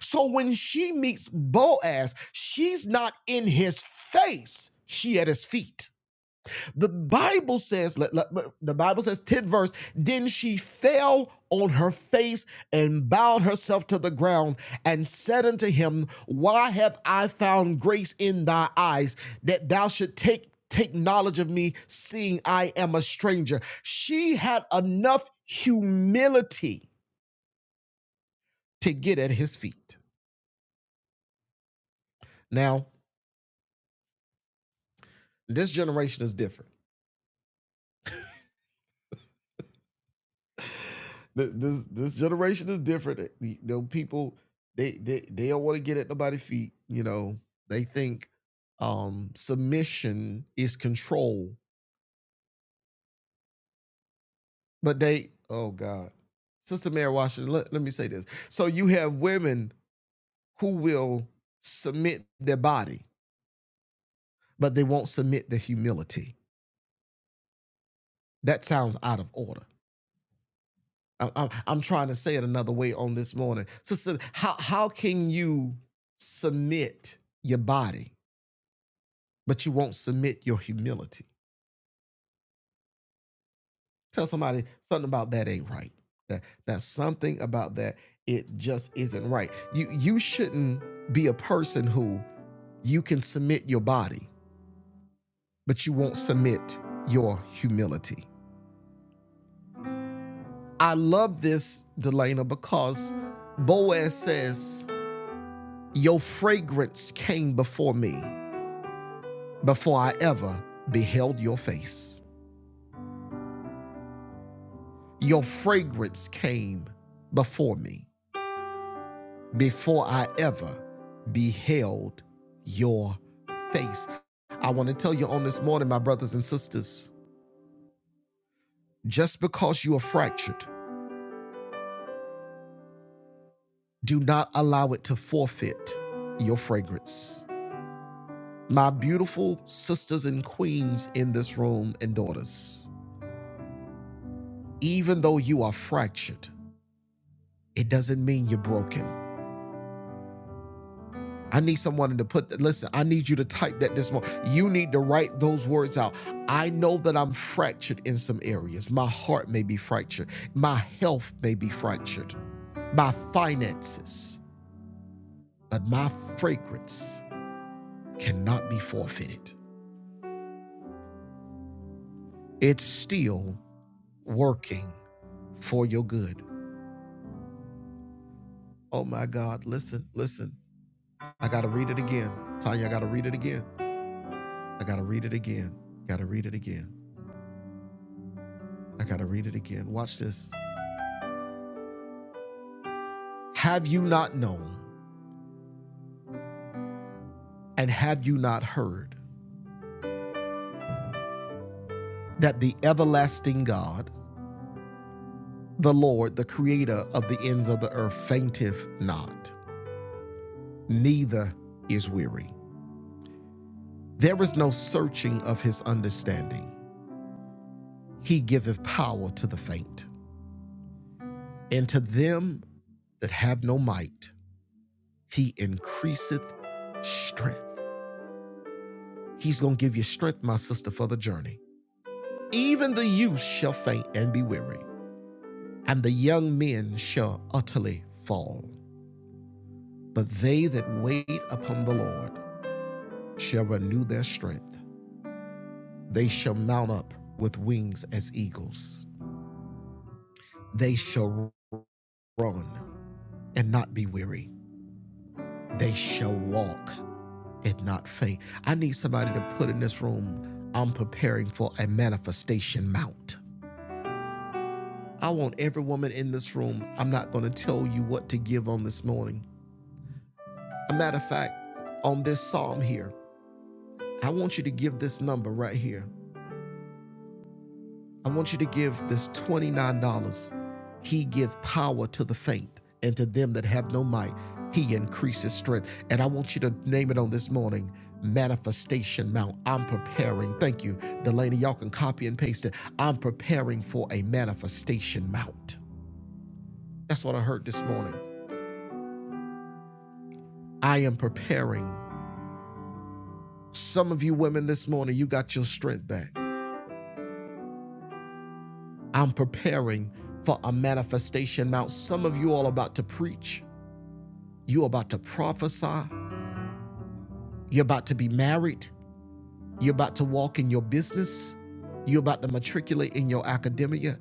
Speaker 2: So when she meets Boaz, she's not in his face. She at his feet. The Bible says, let- let- the Bible says, 10th verse, then she fell on her face and bowed herself to the ground and said unto him, Why have I found grace in thy eyes that thou should take take knowledge of me, seeing I am a stranger? She had enough humility to get at his feet. Now, this generation is different Th- This this generation is different. Eh, You know, people they they they don't want to get at nobody's feet. You know, they think um submission is control, but they oh god, Sister Mary Washington. Let, let me say this. So you have women who will submit their body, but they won't submit their humility. That sounds out of order. I'm, I'm, I'm trying to say it another way on this morning. Sister, how how can you submit your body but you won't submit your humility. Tell somebody something about that ain't right. That that something about that it just isn't right. You you shouldn't be a person who you can submit your body, but you won't submit your humility. I love this, Delana, because Boaz says, Your fragrance came before me before I ever beheld your face. Your fragrance came before me. before I ever beheld your face. I want to tell you on this morning, my brothers and sisters, just because you are fractured, do not allow it to forfeit your fragrance. My beautiful sisters and queens in this room and daughters, even though you are fractured, it doesn't mean you're broken. I need someone to put, listen, I need you to type that this morning. You need to write those words out. I know that I'm fractured in some areas. My heart may be fractured. My health may be fractured. My finances, but my fragrance cannot be forfeited. It's still working for your good. Oh my God, listen, listen. I got to read it again. Tanya, I got to read it again. I got to read it again. Got to read it again. I got to read it again. Watch this. Have you not known and have you not heard that the everlasting God, the Lord, the creator of the ends of the earth, fainteth not, neither is weary? There is no searching of his understanding. He giveth power to the faint, and to them that have no might, he increaseth strength. He's going to give you strength, my sister, for the journey. Even the youth shall faint and be weary, and the young men shall utterly fall. But they that wait upon the Lord shall renew their strength. They shall mount up with wings as eagles. They shall run and not be weary. They shall walk and not faint. I need somebody to put in this room, I'm preparing for a manifestation mount. I want every woman in this room, I'm not going to tell you what to give on this morning. A matter of fact, on this psalm here, I want you to give this number right here. I want you to give this $29. He gives power to the faint and to them that have no might. He increases strength. And I want you to name it on this morning. Manifestation Mount. I'm preparing. Thank you, Delaney. Y'all can copy and paste it. I'm preparing for a manifestation mount. That's what I heard this morning. I am preparing. Some of you women this morning, you got your strength back. I'm preparing for a manifestation. Now, some of you all are about to preach, you're about to prophesy, you're about to be married, you're about to walk in your business, you're about to matriculate in your academia.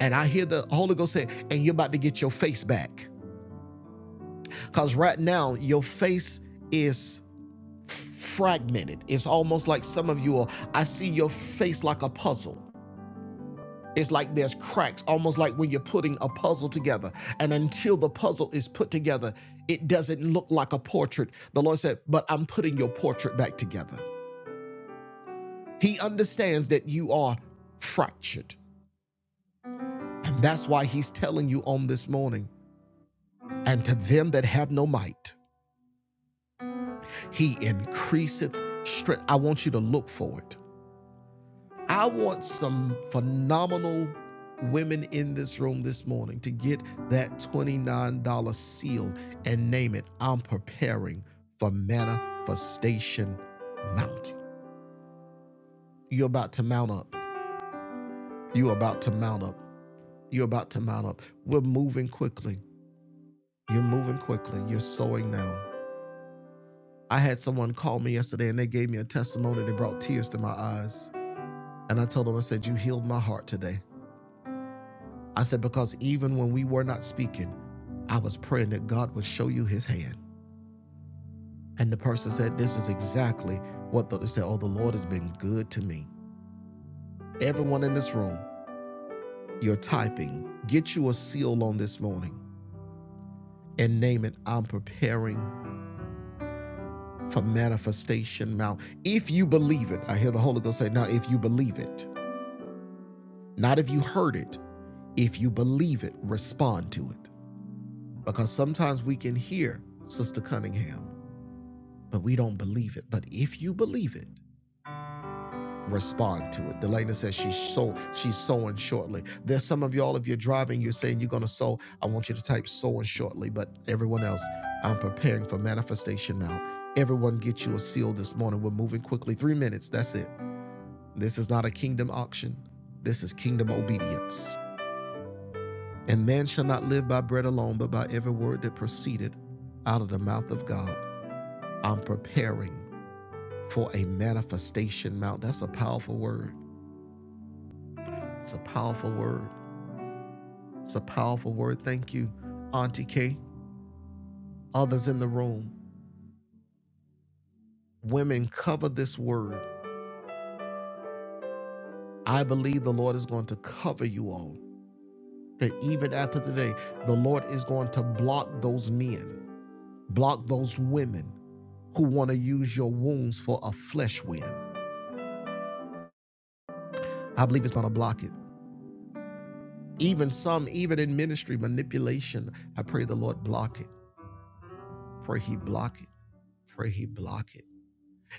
Speaker 2: And I hear the Holy Ghost say, and you're about to get your face back. Because right now, your face is fragmented. It's almost like some of you all, I see your face like a puzzle. It's like there's cracks, almost like when you're putting a puzzle together. And until the puzzle is put together, it doesn't look like a portrait. The Lord said, But I'm putting your portrait back together. He understands that you are fractured. And that's why He's telling you on this morning, and to them that have no might, He increaseth strength. I want you to look for it. I want some phenomenal women in this room this morning to get that $29 seal and name it I'm preparing for manifestation mounting. You're about to mount up. You're about to mount up. You're about to mount up. We're moving quickly. You're moving quickly. You're sowing now. I had someone call me yesterday and they gave me a testimony that brought tears to my eyes. And I told them, I said, You healed my heart today. I said, Because even when we were not speaking, I was praying that God would show you his hand. And the person said, This is exactly what the, they said. Oh, the Lord has been good to me. Everyone in this room, you're typing, get you a seal on this morning and name it, I'm preparing for manifestation now. If you believe it, I hear the Holy Ghost say, Now, if you believe it, not if you heard it, if you believe it, respond to it. Because sometimes we can hear Sister Cunningham. but we don't believe it. But if you believe it, respond to it. Delana says she's so she's sowing shortly. There's some of y'all, if you're driving, you're saying you're gonna sow. I want you to type sowing shortly. But everyone else, I'm preparing for manifestation now. Everyone get you a seal this morning. We're moving quickly. Three minutes, that's it. This is not a kingdom auction. This is kingdom obedience. And man shall not live by bread alone, but by every word that proceeded out of the mouth of God. I'm preparing for a manifestation mount. That's a powerful word. It's a powerful word. It's a powerful word. Thank you, Auntie K. Others in the room, women, cover this word. I believe the Lord is going to cover you all. That even after today, the Lord is going to block those men, block those women who want to use your wounds for a flesh win. I believe it's going to block it. Even some, even in ministry manipulation, I pray the Lord block it. Pray He block it. Pray He block it.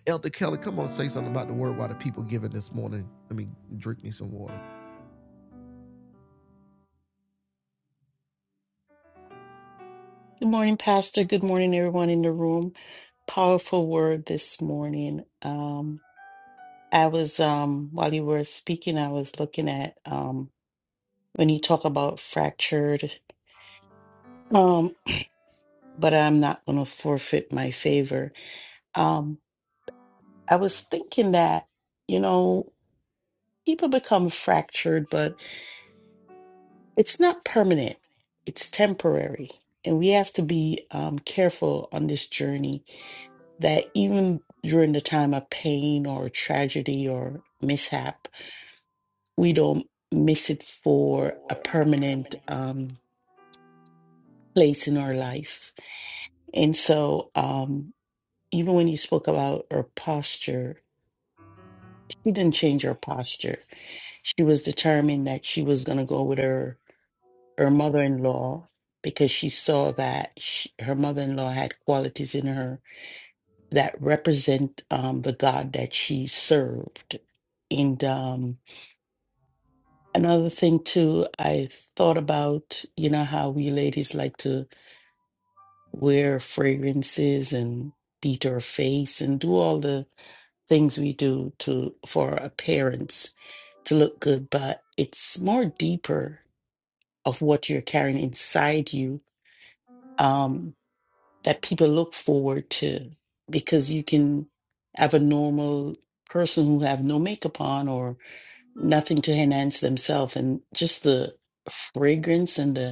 Speaker 2: Elder Kelly, come on, say something about the word while the people giving this morning. Let me drink me some water.
Speaker 4: Good morning, Pastor. Good morning, everyone in the room. Powerful word this morning. Um, I was um while you were speaking, I was looking at um when you talk about fractured, um, but I'm not gonna forfeit my favor. Um, I was thinking that, you know, people become fractured, but it's not permanent, it's temporary. And we have to be um careful on this journey that even during the time of pain or tragedy or mishap, we don't miss it for a permanent um, place in our life. And so, um, even when you spoke about her posture, she didn't change her posture. She was determined that she was going to go with her her mother in law because she saw that she, her mother in law had qualities in her that represent um, the God that she served. And um, Another thing too, I thought about, you know, how we ladies like to wear fragrances and beat our face and do all the things we do to for our appearance to look good, but it's more deeper of what you're carrying inside you um, that people look forward to because you can have a normal person who have no makeup on or nothing to enhance themselves and just the fragrance and the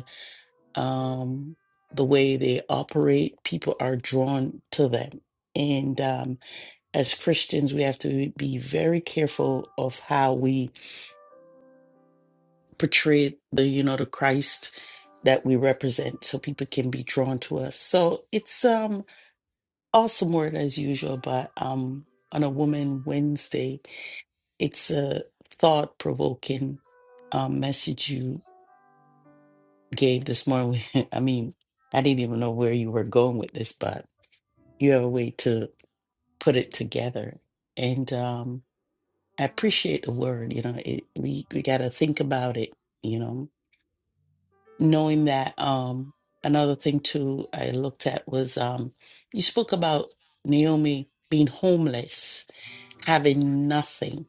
Speaker 4: um, the way they operate, people are drawn to them. And um, as Christians, we have to be very careful of how we portray the, you know, the Christ that we represent, so people can be drawn to us. So it's um awesome word as usual, but um on a Woman Wednesday, it's a thought-provoking um, message you gave this morning. I mean, I didn't even know where you were going with this, but. You have a way to put it together. And um, I appreciate the word. You know, it, we we got to think about it. You know, knowing that. Um, another thing too, I looked at was um, you spoke about Naomi being homeless, having nothing,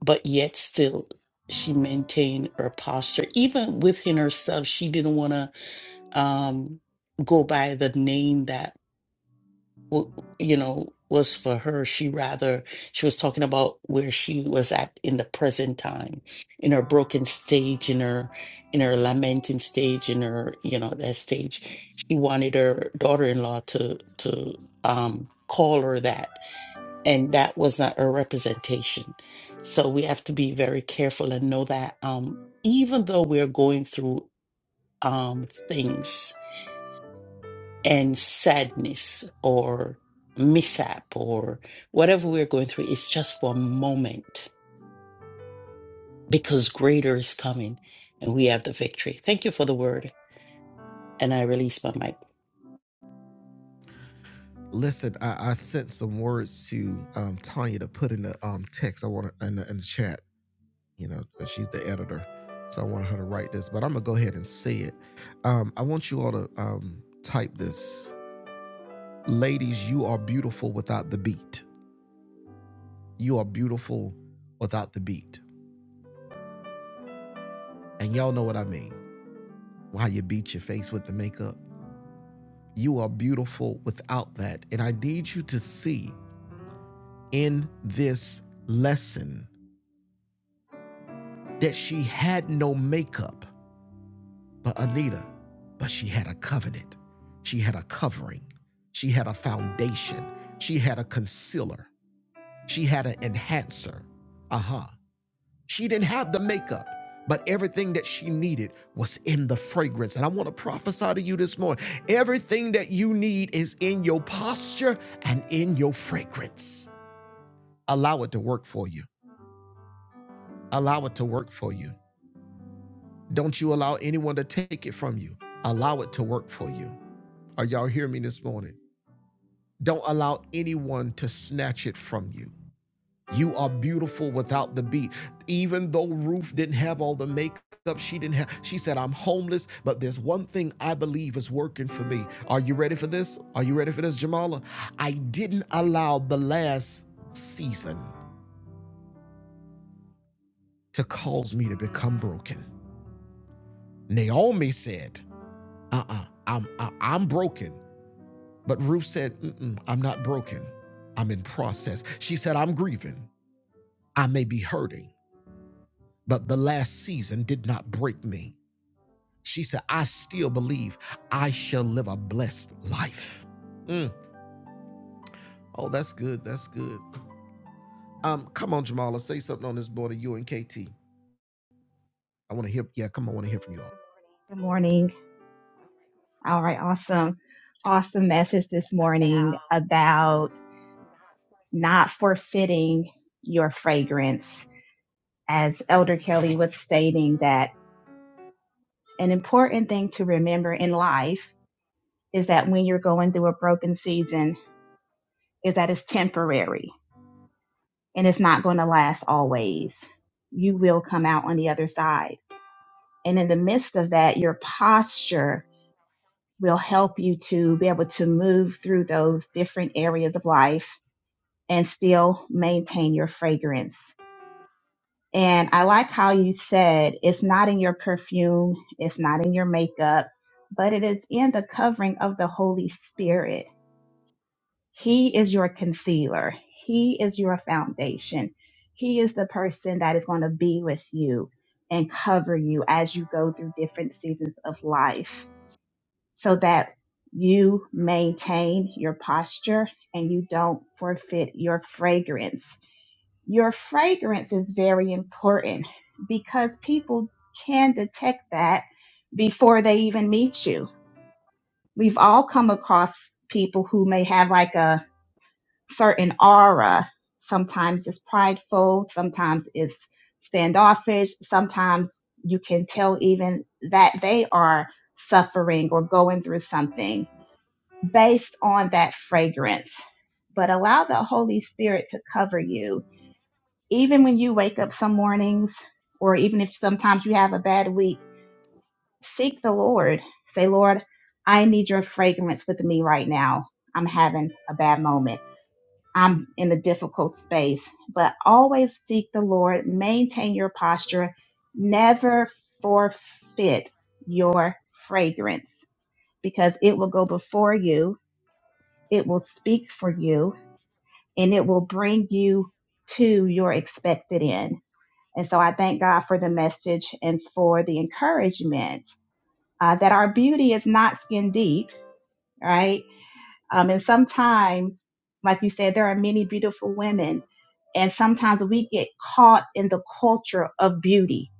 Speaker 4: but yet still she maintained her posture. Even within herself, she didn't want to um, go by the name that w- you know was for her she rather she was talking about where she was at in the present time in her broken stage in her in her lamenting stage in her you know that stage she wanted her daughter-in-law to to um call her that and that was not her representation so we have to be very careful and know that um even though we're going through um things and sadness or mishap or whatever we're going through it's just for a moment because greater is coming and we have the victory. Thank you for the word. And I release my mic.
Speaker 2: Listen, I, I sent some words to um, Tanya to put in the um, text. I want to in the, in the chat. You know, she's the editor, so I want her to write this. But I'm gonna go ahead and say it. Um, I want you all to um, type this, ladies. You are beautiful without the beat. You are beautiful without the beat, and y'all know what I mean. How you beat your face with the makeup You are beautiful without that. And I need you to see in this lesson that she had no makeup, but Anita, but she had a covenant. She had a covering. She had a foundation. She had a concealer. She had an enhancer. Uh huh. She didn't have the makeup, but everything that she needed was in the fragrance. And I want to prophesy to you this morning everything that you need is in your posture and in your fragrance. Allow it to work for you. Allow it to work for you. Don't you allow anyone to take it from you. Allow it to work for you. Are y'all hearing me this morning? Don't allow anyone to snatch it from you. You are beautiful without the beat. Even though Ruth didn't have all the makeup, she didn't have, she said, I'm homeless, but there's one thing I believe is working for me. Are you ready for this? Are you ready for this, Jamala? I didn't allow the last season to cause me to become broken. Naomi said, uh-uh, I'm, I- I'm broken. But Ruth said, Mm-mm, I'm not broken. I'm in process. She said, I'm grieving. I may be hurting, but the last season did not break me. She said, I still believe I shall live a blessed life. Mm. Oh, that's good. That's good. Um, come on, Jamala, say something on this board of you and KT. I want to hear. Yeah, come on, I want to hear from you all.
Speaker 5: Good morning. All right, awesome. Awesome message this morning about not forfeiting your fragrance. As Elder Kelly was stating, that an important thing to remember in life is that when you're going through a broken season, is that it's temporary. and it's not going to last always. You will come out on the other side. And in the midst of that, your posture will help you to be able to move through those different areas of life and still maintain your fragrance. And I like how you said it's not in your perfume, it's not in your makeup, but it is in the covering of the Holy Spirit He is your concealer. He is your foundation. He is the person that is going to be with you and cover you as you go through different seasons of life so that you maintain your posture and you don't forfeit your fragrance. Your fragrance is very important because people can detect that before they even meet you. We've all come across people who may have like a certain aura. Sometimes it's prideful, sometimes it's standoffish, sometimes you can tell even that they are suffering or going through something based on that fragrance. But allow the Holy Spirit to cover you. Even when you wake up some mornings, or even if sometimes you have a bad week, seek the Lord. Say, Lord, I need your fragrance with me right now. I'm having a bad moment. I'm in a difficult space, but always seek the Lord, maintain your posture, never forfeit your fragrance because it will go before you, it will speak for you, and it will bring you to your expected end. And so I thank God for the message and for the encouragement uh, that our beauty is not skin deep, right? Um, and sometimes, like you said, there are many beautiful women. And sometimes we get caught in the culture of beauty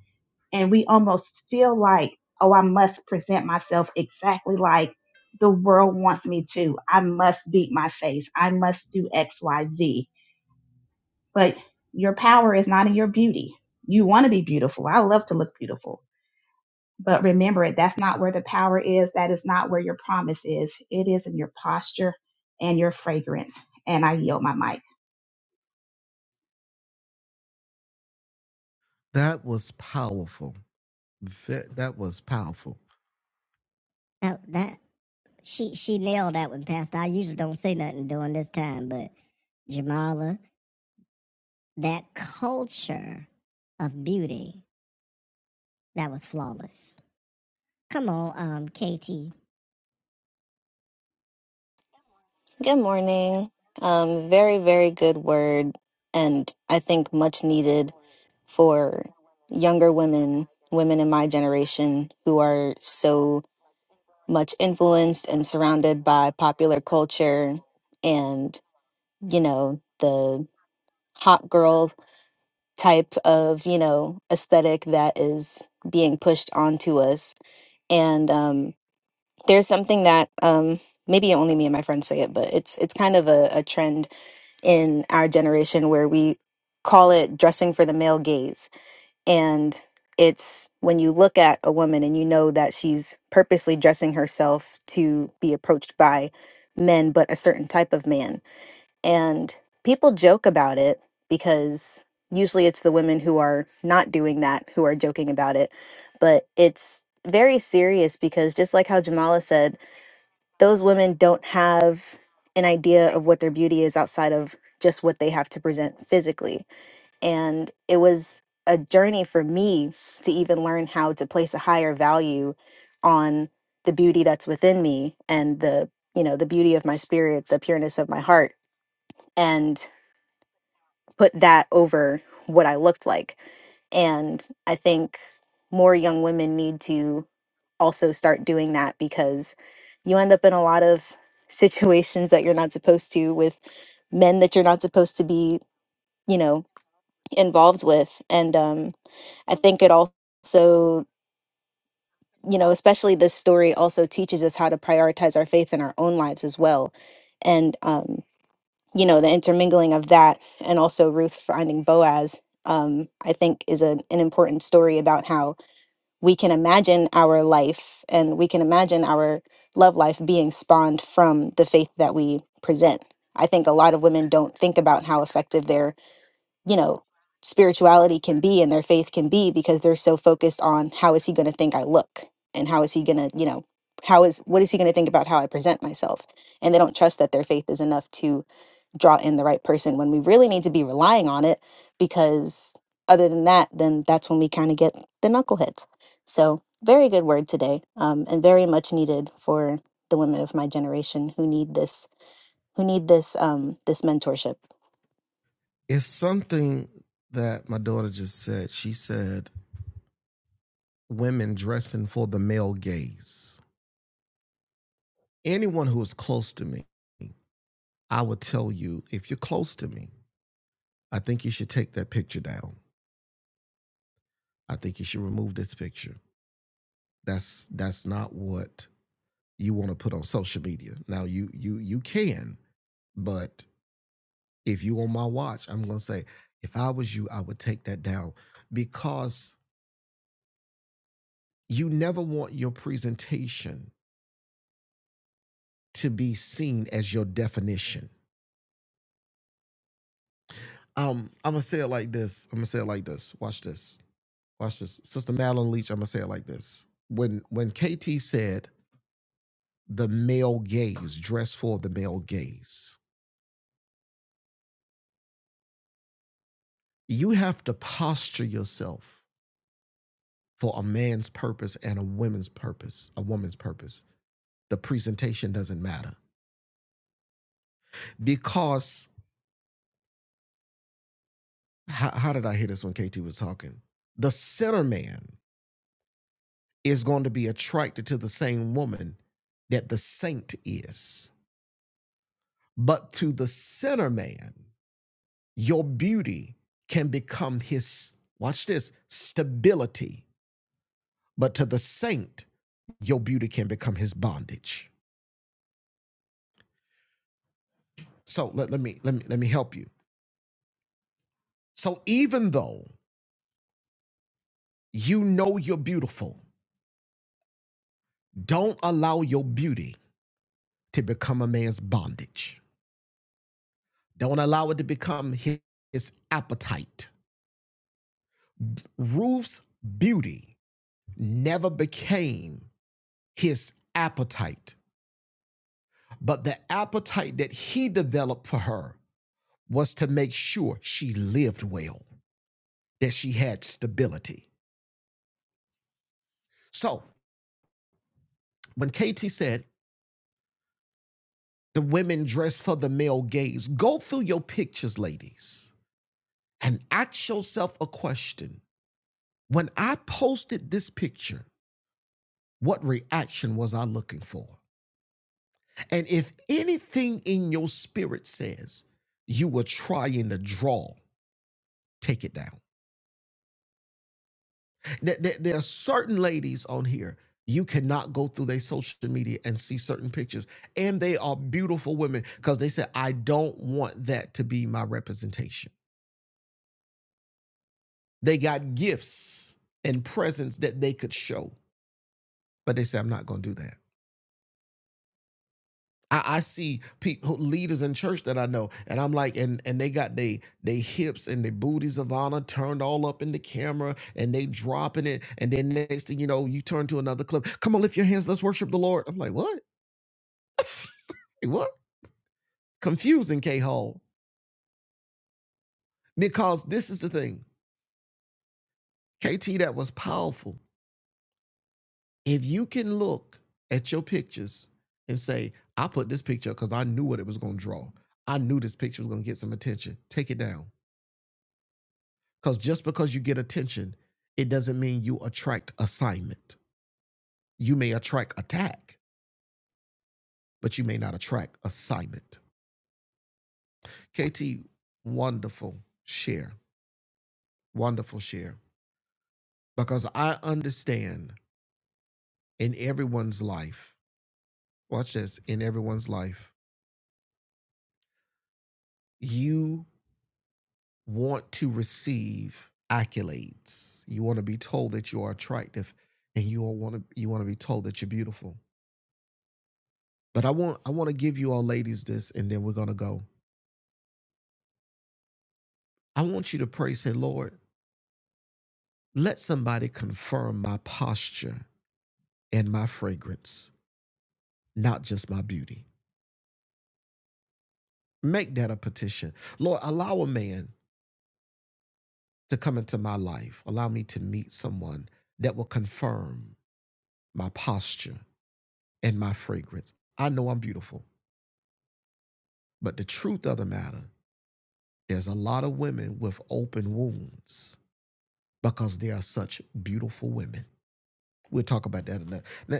Speaker 5: and we almost feel like, oh, I must present myself exactly like the world wants me to. I must beat my face. I must do X, Y, Z. But your power is not in your beauty. You want to be beautiful. I love to look beautiful but remember it, that's not where the power is. That is not where your promise is. It is in your posture and your fragrance. And I yield my mic.
Speaker 2: That was powerful. Ve- That was powerful. That, that She she nailed that one, Pastor. I usually don't say nothing during this time, but Jamala, that culture of beauty that was flawless. Come on, um, KT.
Speaker 6: Good morning. Um, very, very good word, and I think much needed for younger women, women in my generation who are so much influenced and surrounded by popular culture and, you know, the hot girl type of, you know, aesthetic that is being pushed onto us and um, there's something that um, maybe only me and my friends say it, but it's it's kind of a, a trend in our generation where we call it dressing for the male gaze. And it's when you look at a woman and you know that she's purposely dressing herself to be approached by men, but a certain type of man. And people joke about it because usually it's the women who are not doing that who are joking about it. But it's very serious because just like how Jamala said, those women don't have an idea of what their beauty is outside of just what they have to present physically. And it was a journey for me to even learn how to place a higher value on the beauty that's within me and the, you know, the beauty of my spirit, the pureness of my heart, and put that over what I looked like. And I think more young women need to also start doing that because you end up in a lot of situations that you're not supposed to with men that you're not supposed to be, you know, involved with. And um, I think it also, you know, especially this story also teaches us how to prioritize our faith in our own lives as well. And, um, you know, the intermingling of that and also Ruth finding Boaz, um, I think is a, an important story about how we can imagine our life and we can imagine our love life being spawned from the faith that we present. I think a lot of women don't think about how effective their, you know, spirituality can be and their faith can be because they're so focused on how is he going to think I look and how is he going to, you know, how is what is he going to think about how I present myself? And they don't trust that their faith is enough to draw in the right person when we really need to be relying on it because other than that then that's when we kind of get the knuckleheads so very good word today um, and very much needed for the women of my generation who need this who need this um, this mentorship
Speaker 2: It's something that my daughter just said. She said, Women dressing for the male gaze. Anyone who is close to me, I would tell you, if you're close to me, I think you should take that picture down. I think you should remove this picture. That's that's not what you want to put on social media. Now you you you can, but if you on my watch, I'm gonna say if I was you, I would take that down because you never want your presentation to be seen as your definition. Um, I'm gonna say it like this. I'm gonna say it like this. Watch this. Watch this. Sister Madeline Leach, I'm gonna say it like this. When when KT said the male gaze, dress for the male gaze, you have to posture yourself for a man's purpose and a woman's purpose, a woman's purpose. The presentation doesn't matter because how, how did I hear this when KT was talking? The sinner man is going to be attracted to the same woman that the saint is, but to the sinner man, your beauty can become his. Watch this stability, but to the saint, your beauty can become his bondage. So let, let me let me let me help you. So even though You know you're beautiful. Don't allow your beauty to become a man's bondage. Don't allow it to become his, his appetite. Ruth's beauty never became his appetite, but the appetite that he developed for her was to make sure she lived well, that she had stability. So when KT said, the women dress for the male gaze, go through your pictures, ladies and ask yourself a question. When I posted this picture, what reaction was I looking for? And if anything in your spirit says you were trying to draw, take it down. There, there- are certain ladies on here, you cannot go through their social media and see certain pictures. And they are beautiful women because they said, I don't want that to be my representation. They got gifts and presents that they could show, but they said, I'm not going to do that. I, I see people leaders in church that I know, and I'm like, and and they got they they hips and their booties of honor turned all up in the camera, and they dropping it, and then next thing you know, you turn to another clip. Come on, lift your hands, let's worship the Lord. I'm like, what? Hey, what? Confusing K Hall because this is the thing, KT, that was powerful. If you can look at your pictures and say, I put this picture because I knew what it was going to draw. I knew this picture was going to get some attention. Take it down Because just because you get attention, it doesn't mean you attract assignment. You may attract attack, but you may not attract assignment. KT, wonderful share, wonderful share. Because I understand in everyone's life, watch this, in everyone's life, you want to receive accolades. You want to be told that you are attractive and you all want to you want to be told that you're beautiful. But I want I want to give you all ladies this and then we're going to go. I want you to pray, say, Lord, let somebody confirm my posture and my fragrance, not just my beauty. Make that a petition. Lord, allow a man to come into my life. Allow me to meet someone that will confirm my posture and my fragrance. I know I'm beautiful, but the truth of the matter, there's a lot of women with open wounds because they are such beautiful women. we'll talk about that in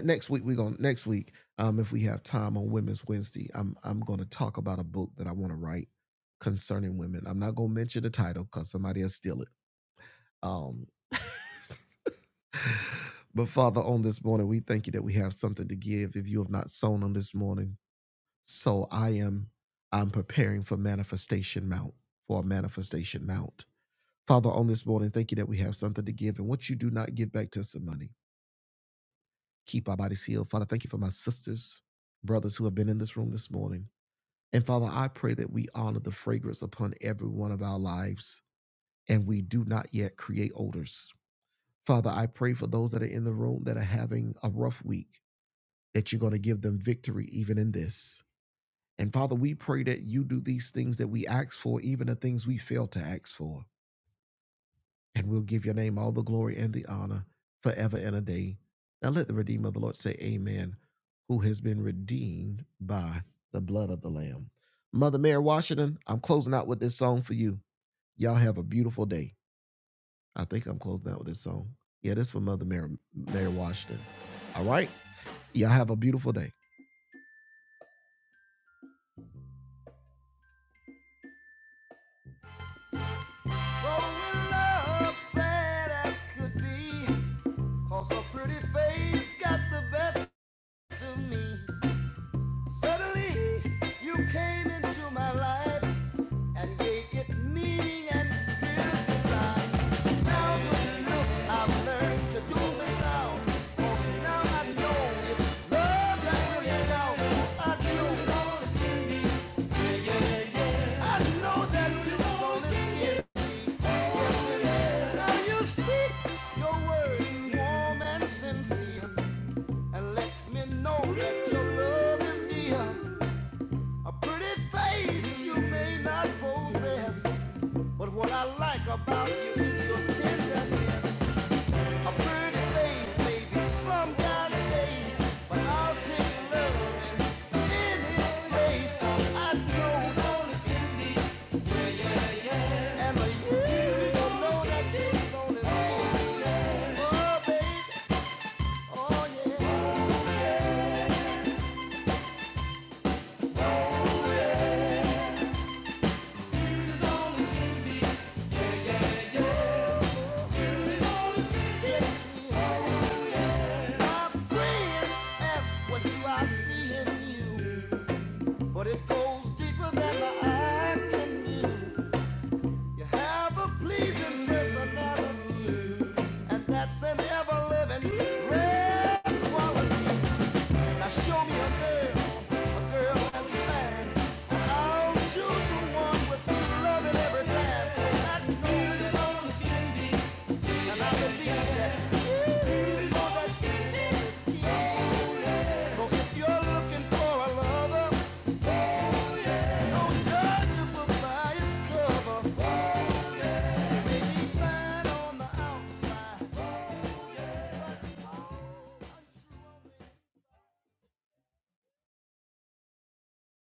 Speaker 2: next week. We're going next week, um, if we have time on Women's Wednesday, I'm I'm going to talk about a book that I want to write concerning women. I'm not going to mention the title because somebody will steal it. Um, but Father, on this morning, we thank you that we have something to give. If you have not sown on this morning, so I am. I'm preparing for manifestation mount for a manifestation mount. Father, on this morning, thank you that we have something to give, and what you do not give back to us in money Keep our bodies healed. Father, thank you for my sisters, brothers who have been in this room this morning. And Father, I pray that we honor the fragrance upon every one of our lives and we do not yet create odors. Father, I pray for those that are in the room that are having a rough week, that you're going to give them victory even in this. And Father, we pray that you do these things that we ask for, even the things we fail to ask for. and we'll give your name all the glory and the honor forever and a day. Now let the Redeemer of the Lord say, Amen, who has been redeemed by the blood of the Lamb. Mother Mary Washington, I'm closing out with this song for you. Y'all have a beautiful day. I think I'm closing out with this song. Yeah, this is for Mother Mary, Mary Washington. All right. Y'all have a beautiful day. sad as could be, 'cause her pretty face got the best of me. Suddenly, you came into my life and gave it meaning and beauty life. Now the looks I've learned to do without. 'Cause now I know it's love that brings it down. 'Cause I know it's gonna see me. Yeah yeah yeah I know that it's gonna send me. Yes, it is. Now you speak your words warm and sincere and let me know that your love is dear. A pretty face you may not possess, but what I like about you is your tenderness. A pretty face may be some kind of taste, but I'll take love in his face. 'cause I know it's on his face, and the years of know that deep on his face. Oh, baby, oh yeah, oh yeah. oh yeah. But it goes deeper than the eye can view. You have a pleasing personality, and that's an ever living rare quality. Now show me a girl, a girl that's fine. I'll choose the one with true love and every time. That beauty's on the skinny. And I believe that beauty's on the skinny. So if you're looking for a lover, don't judge a book by its cover. She may be fine on the outside.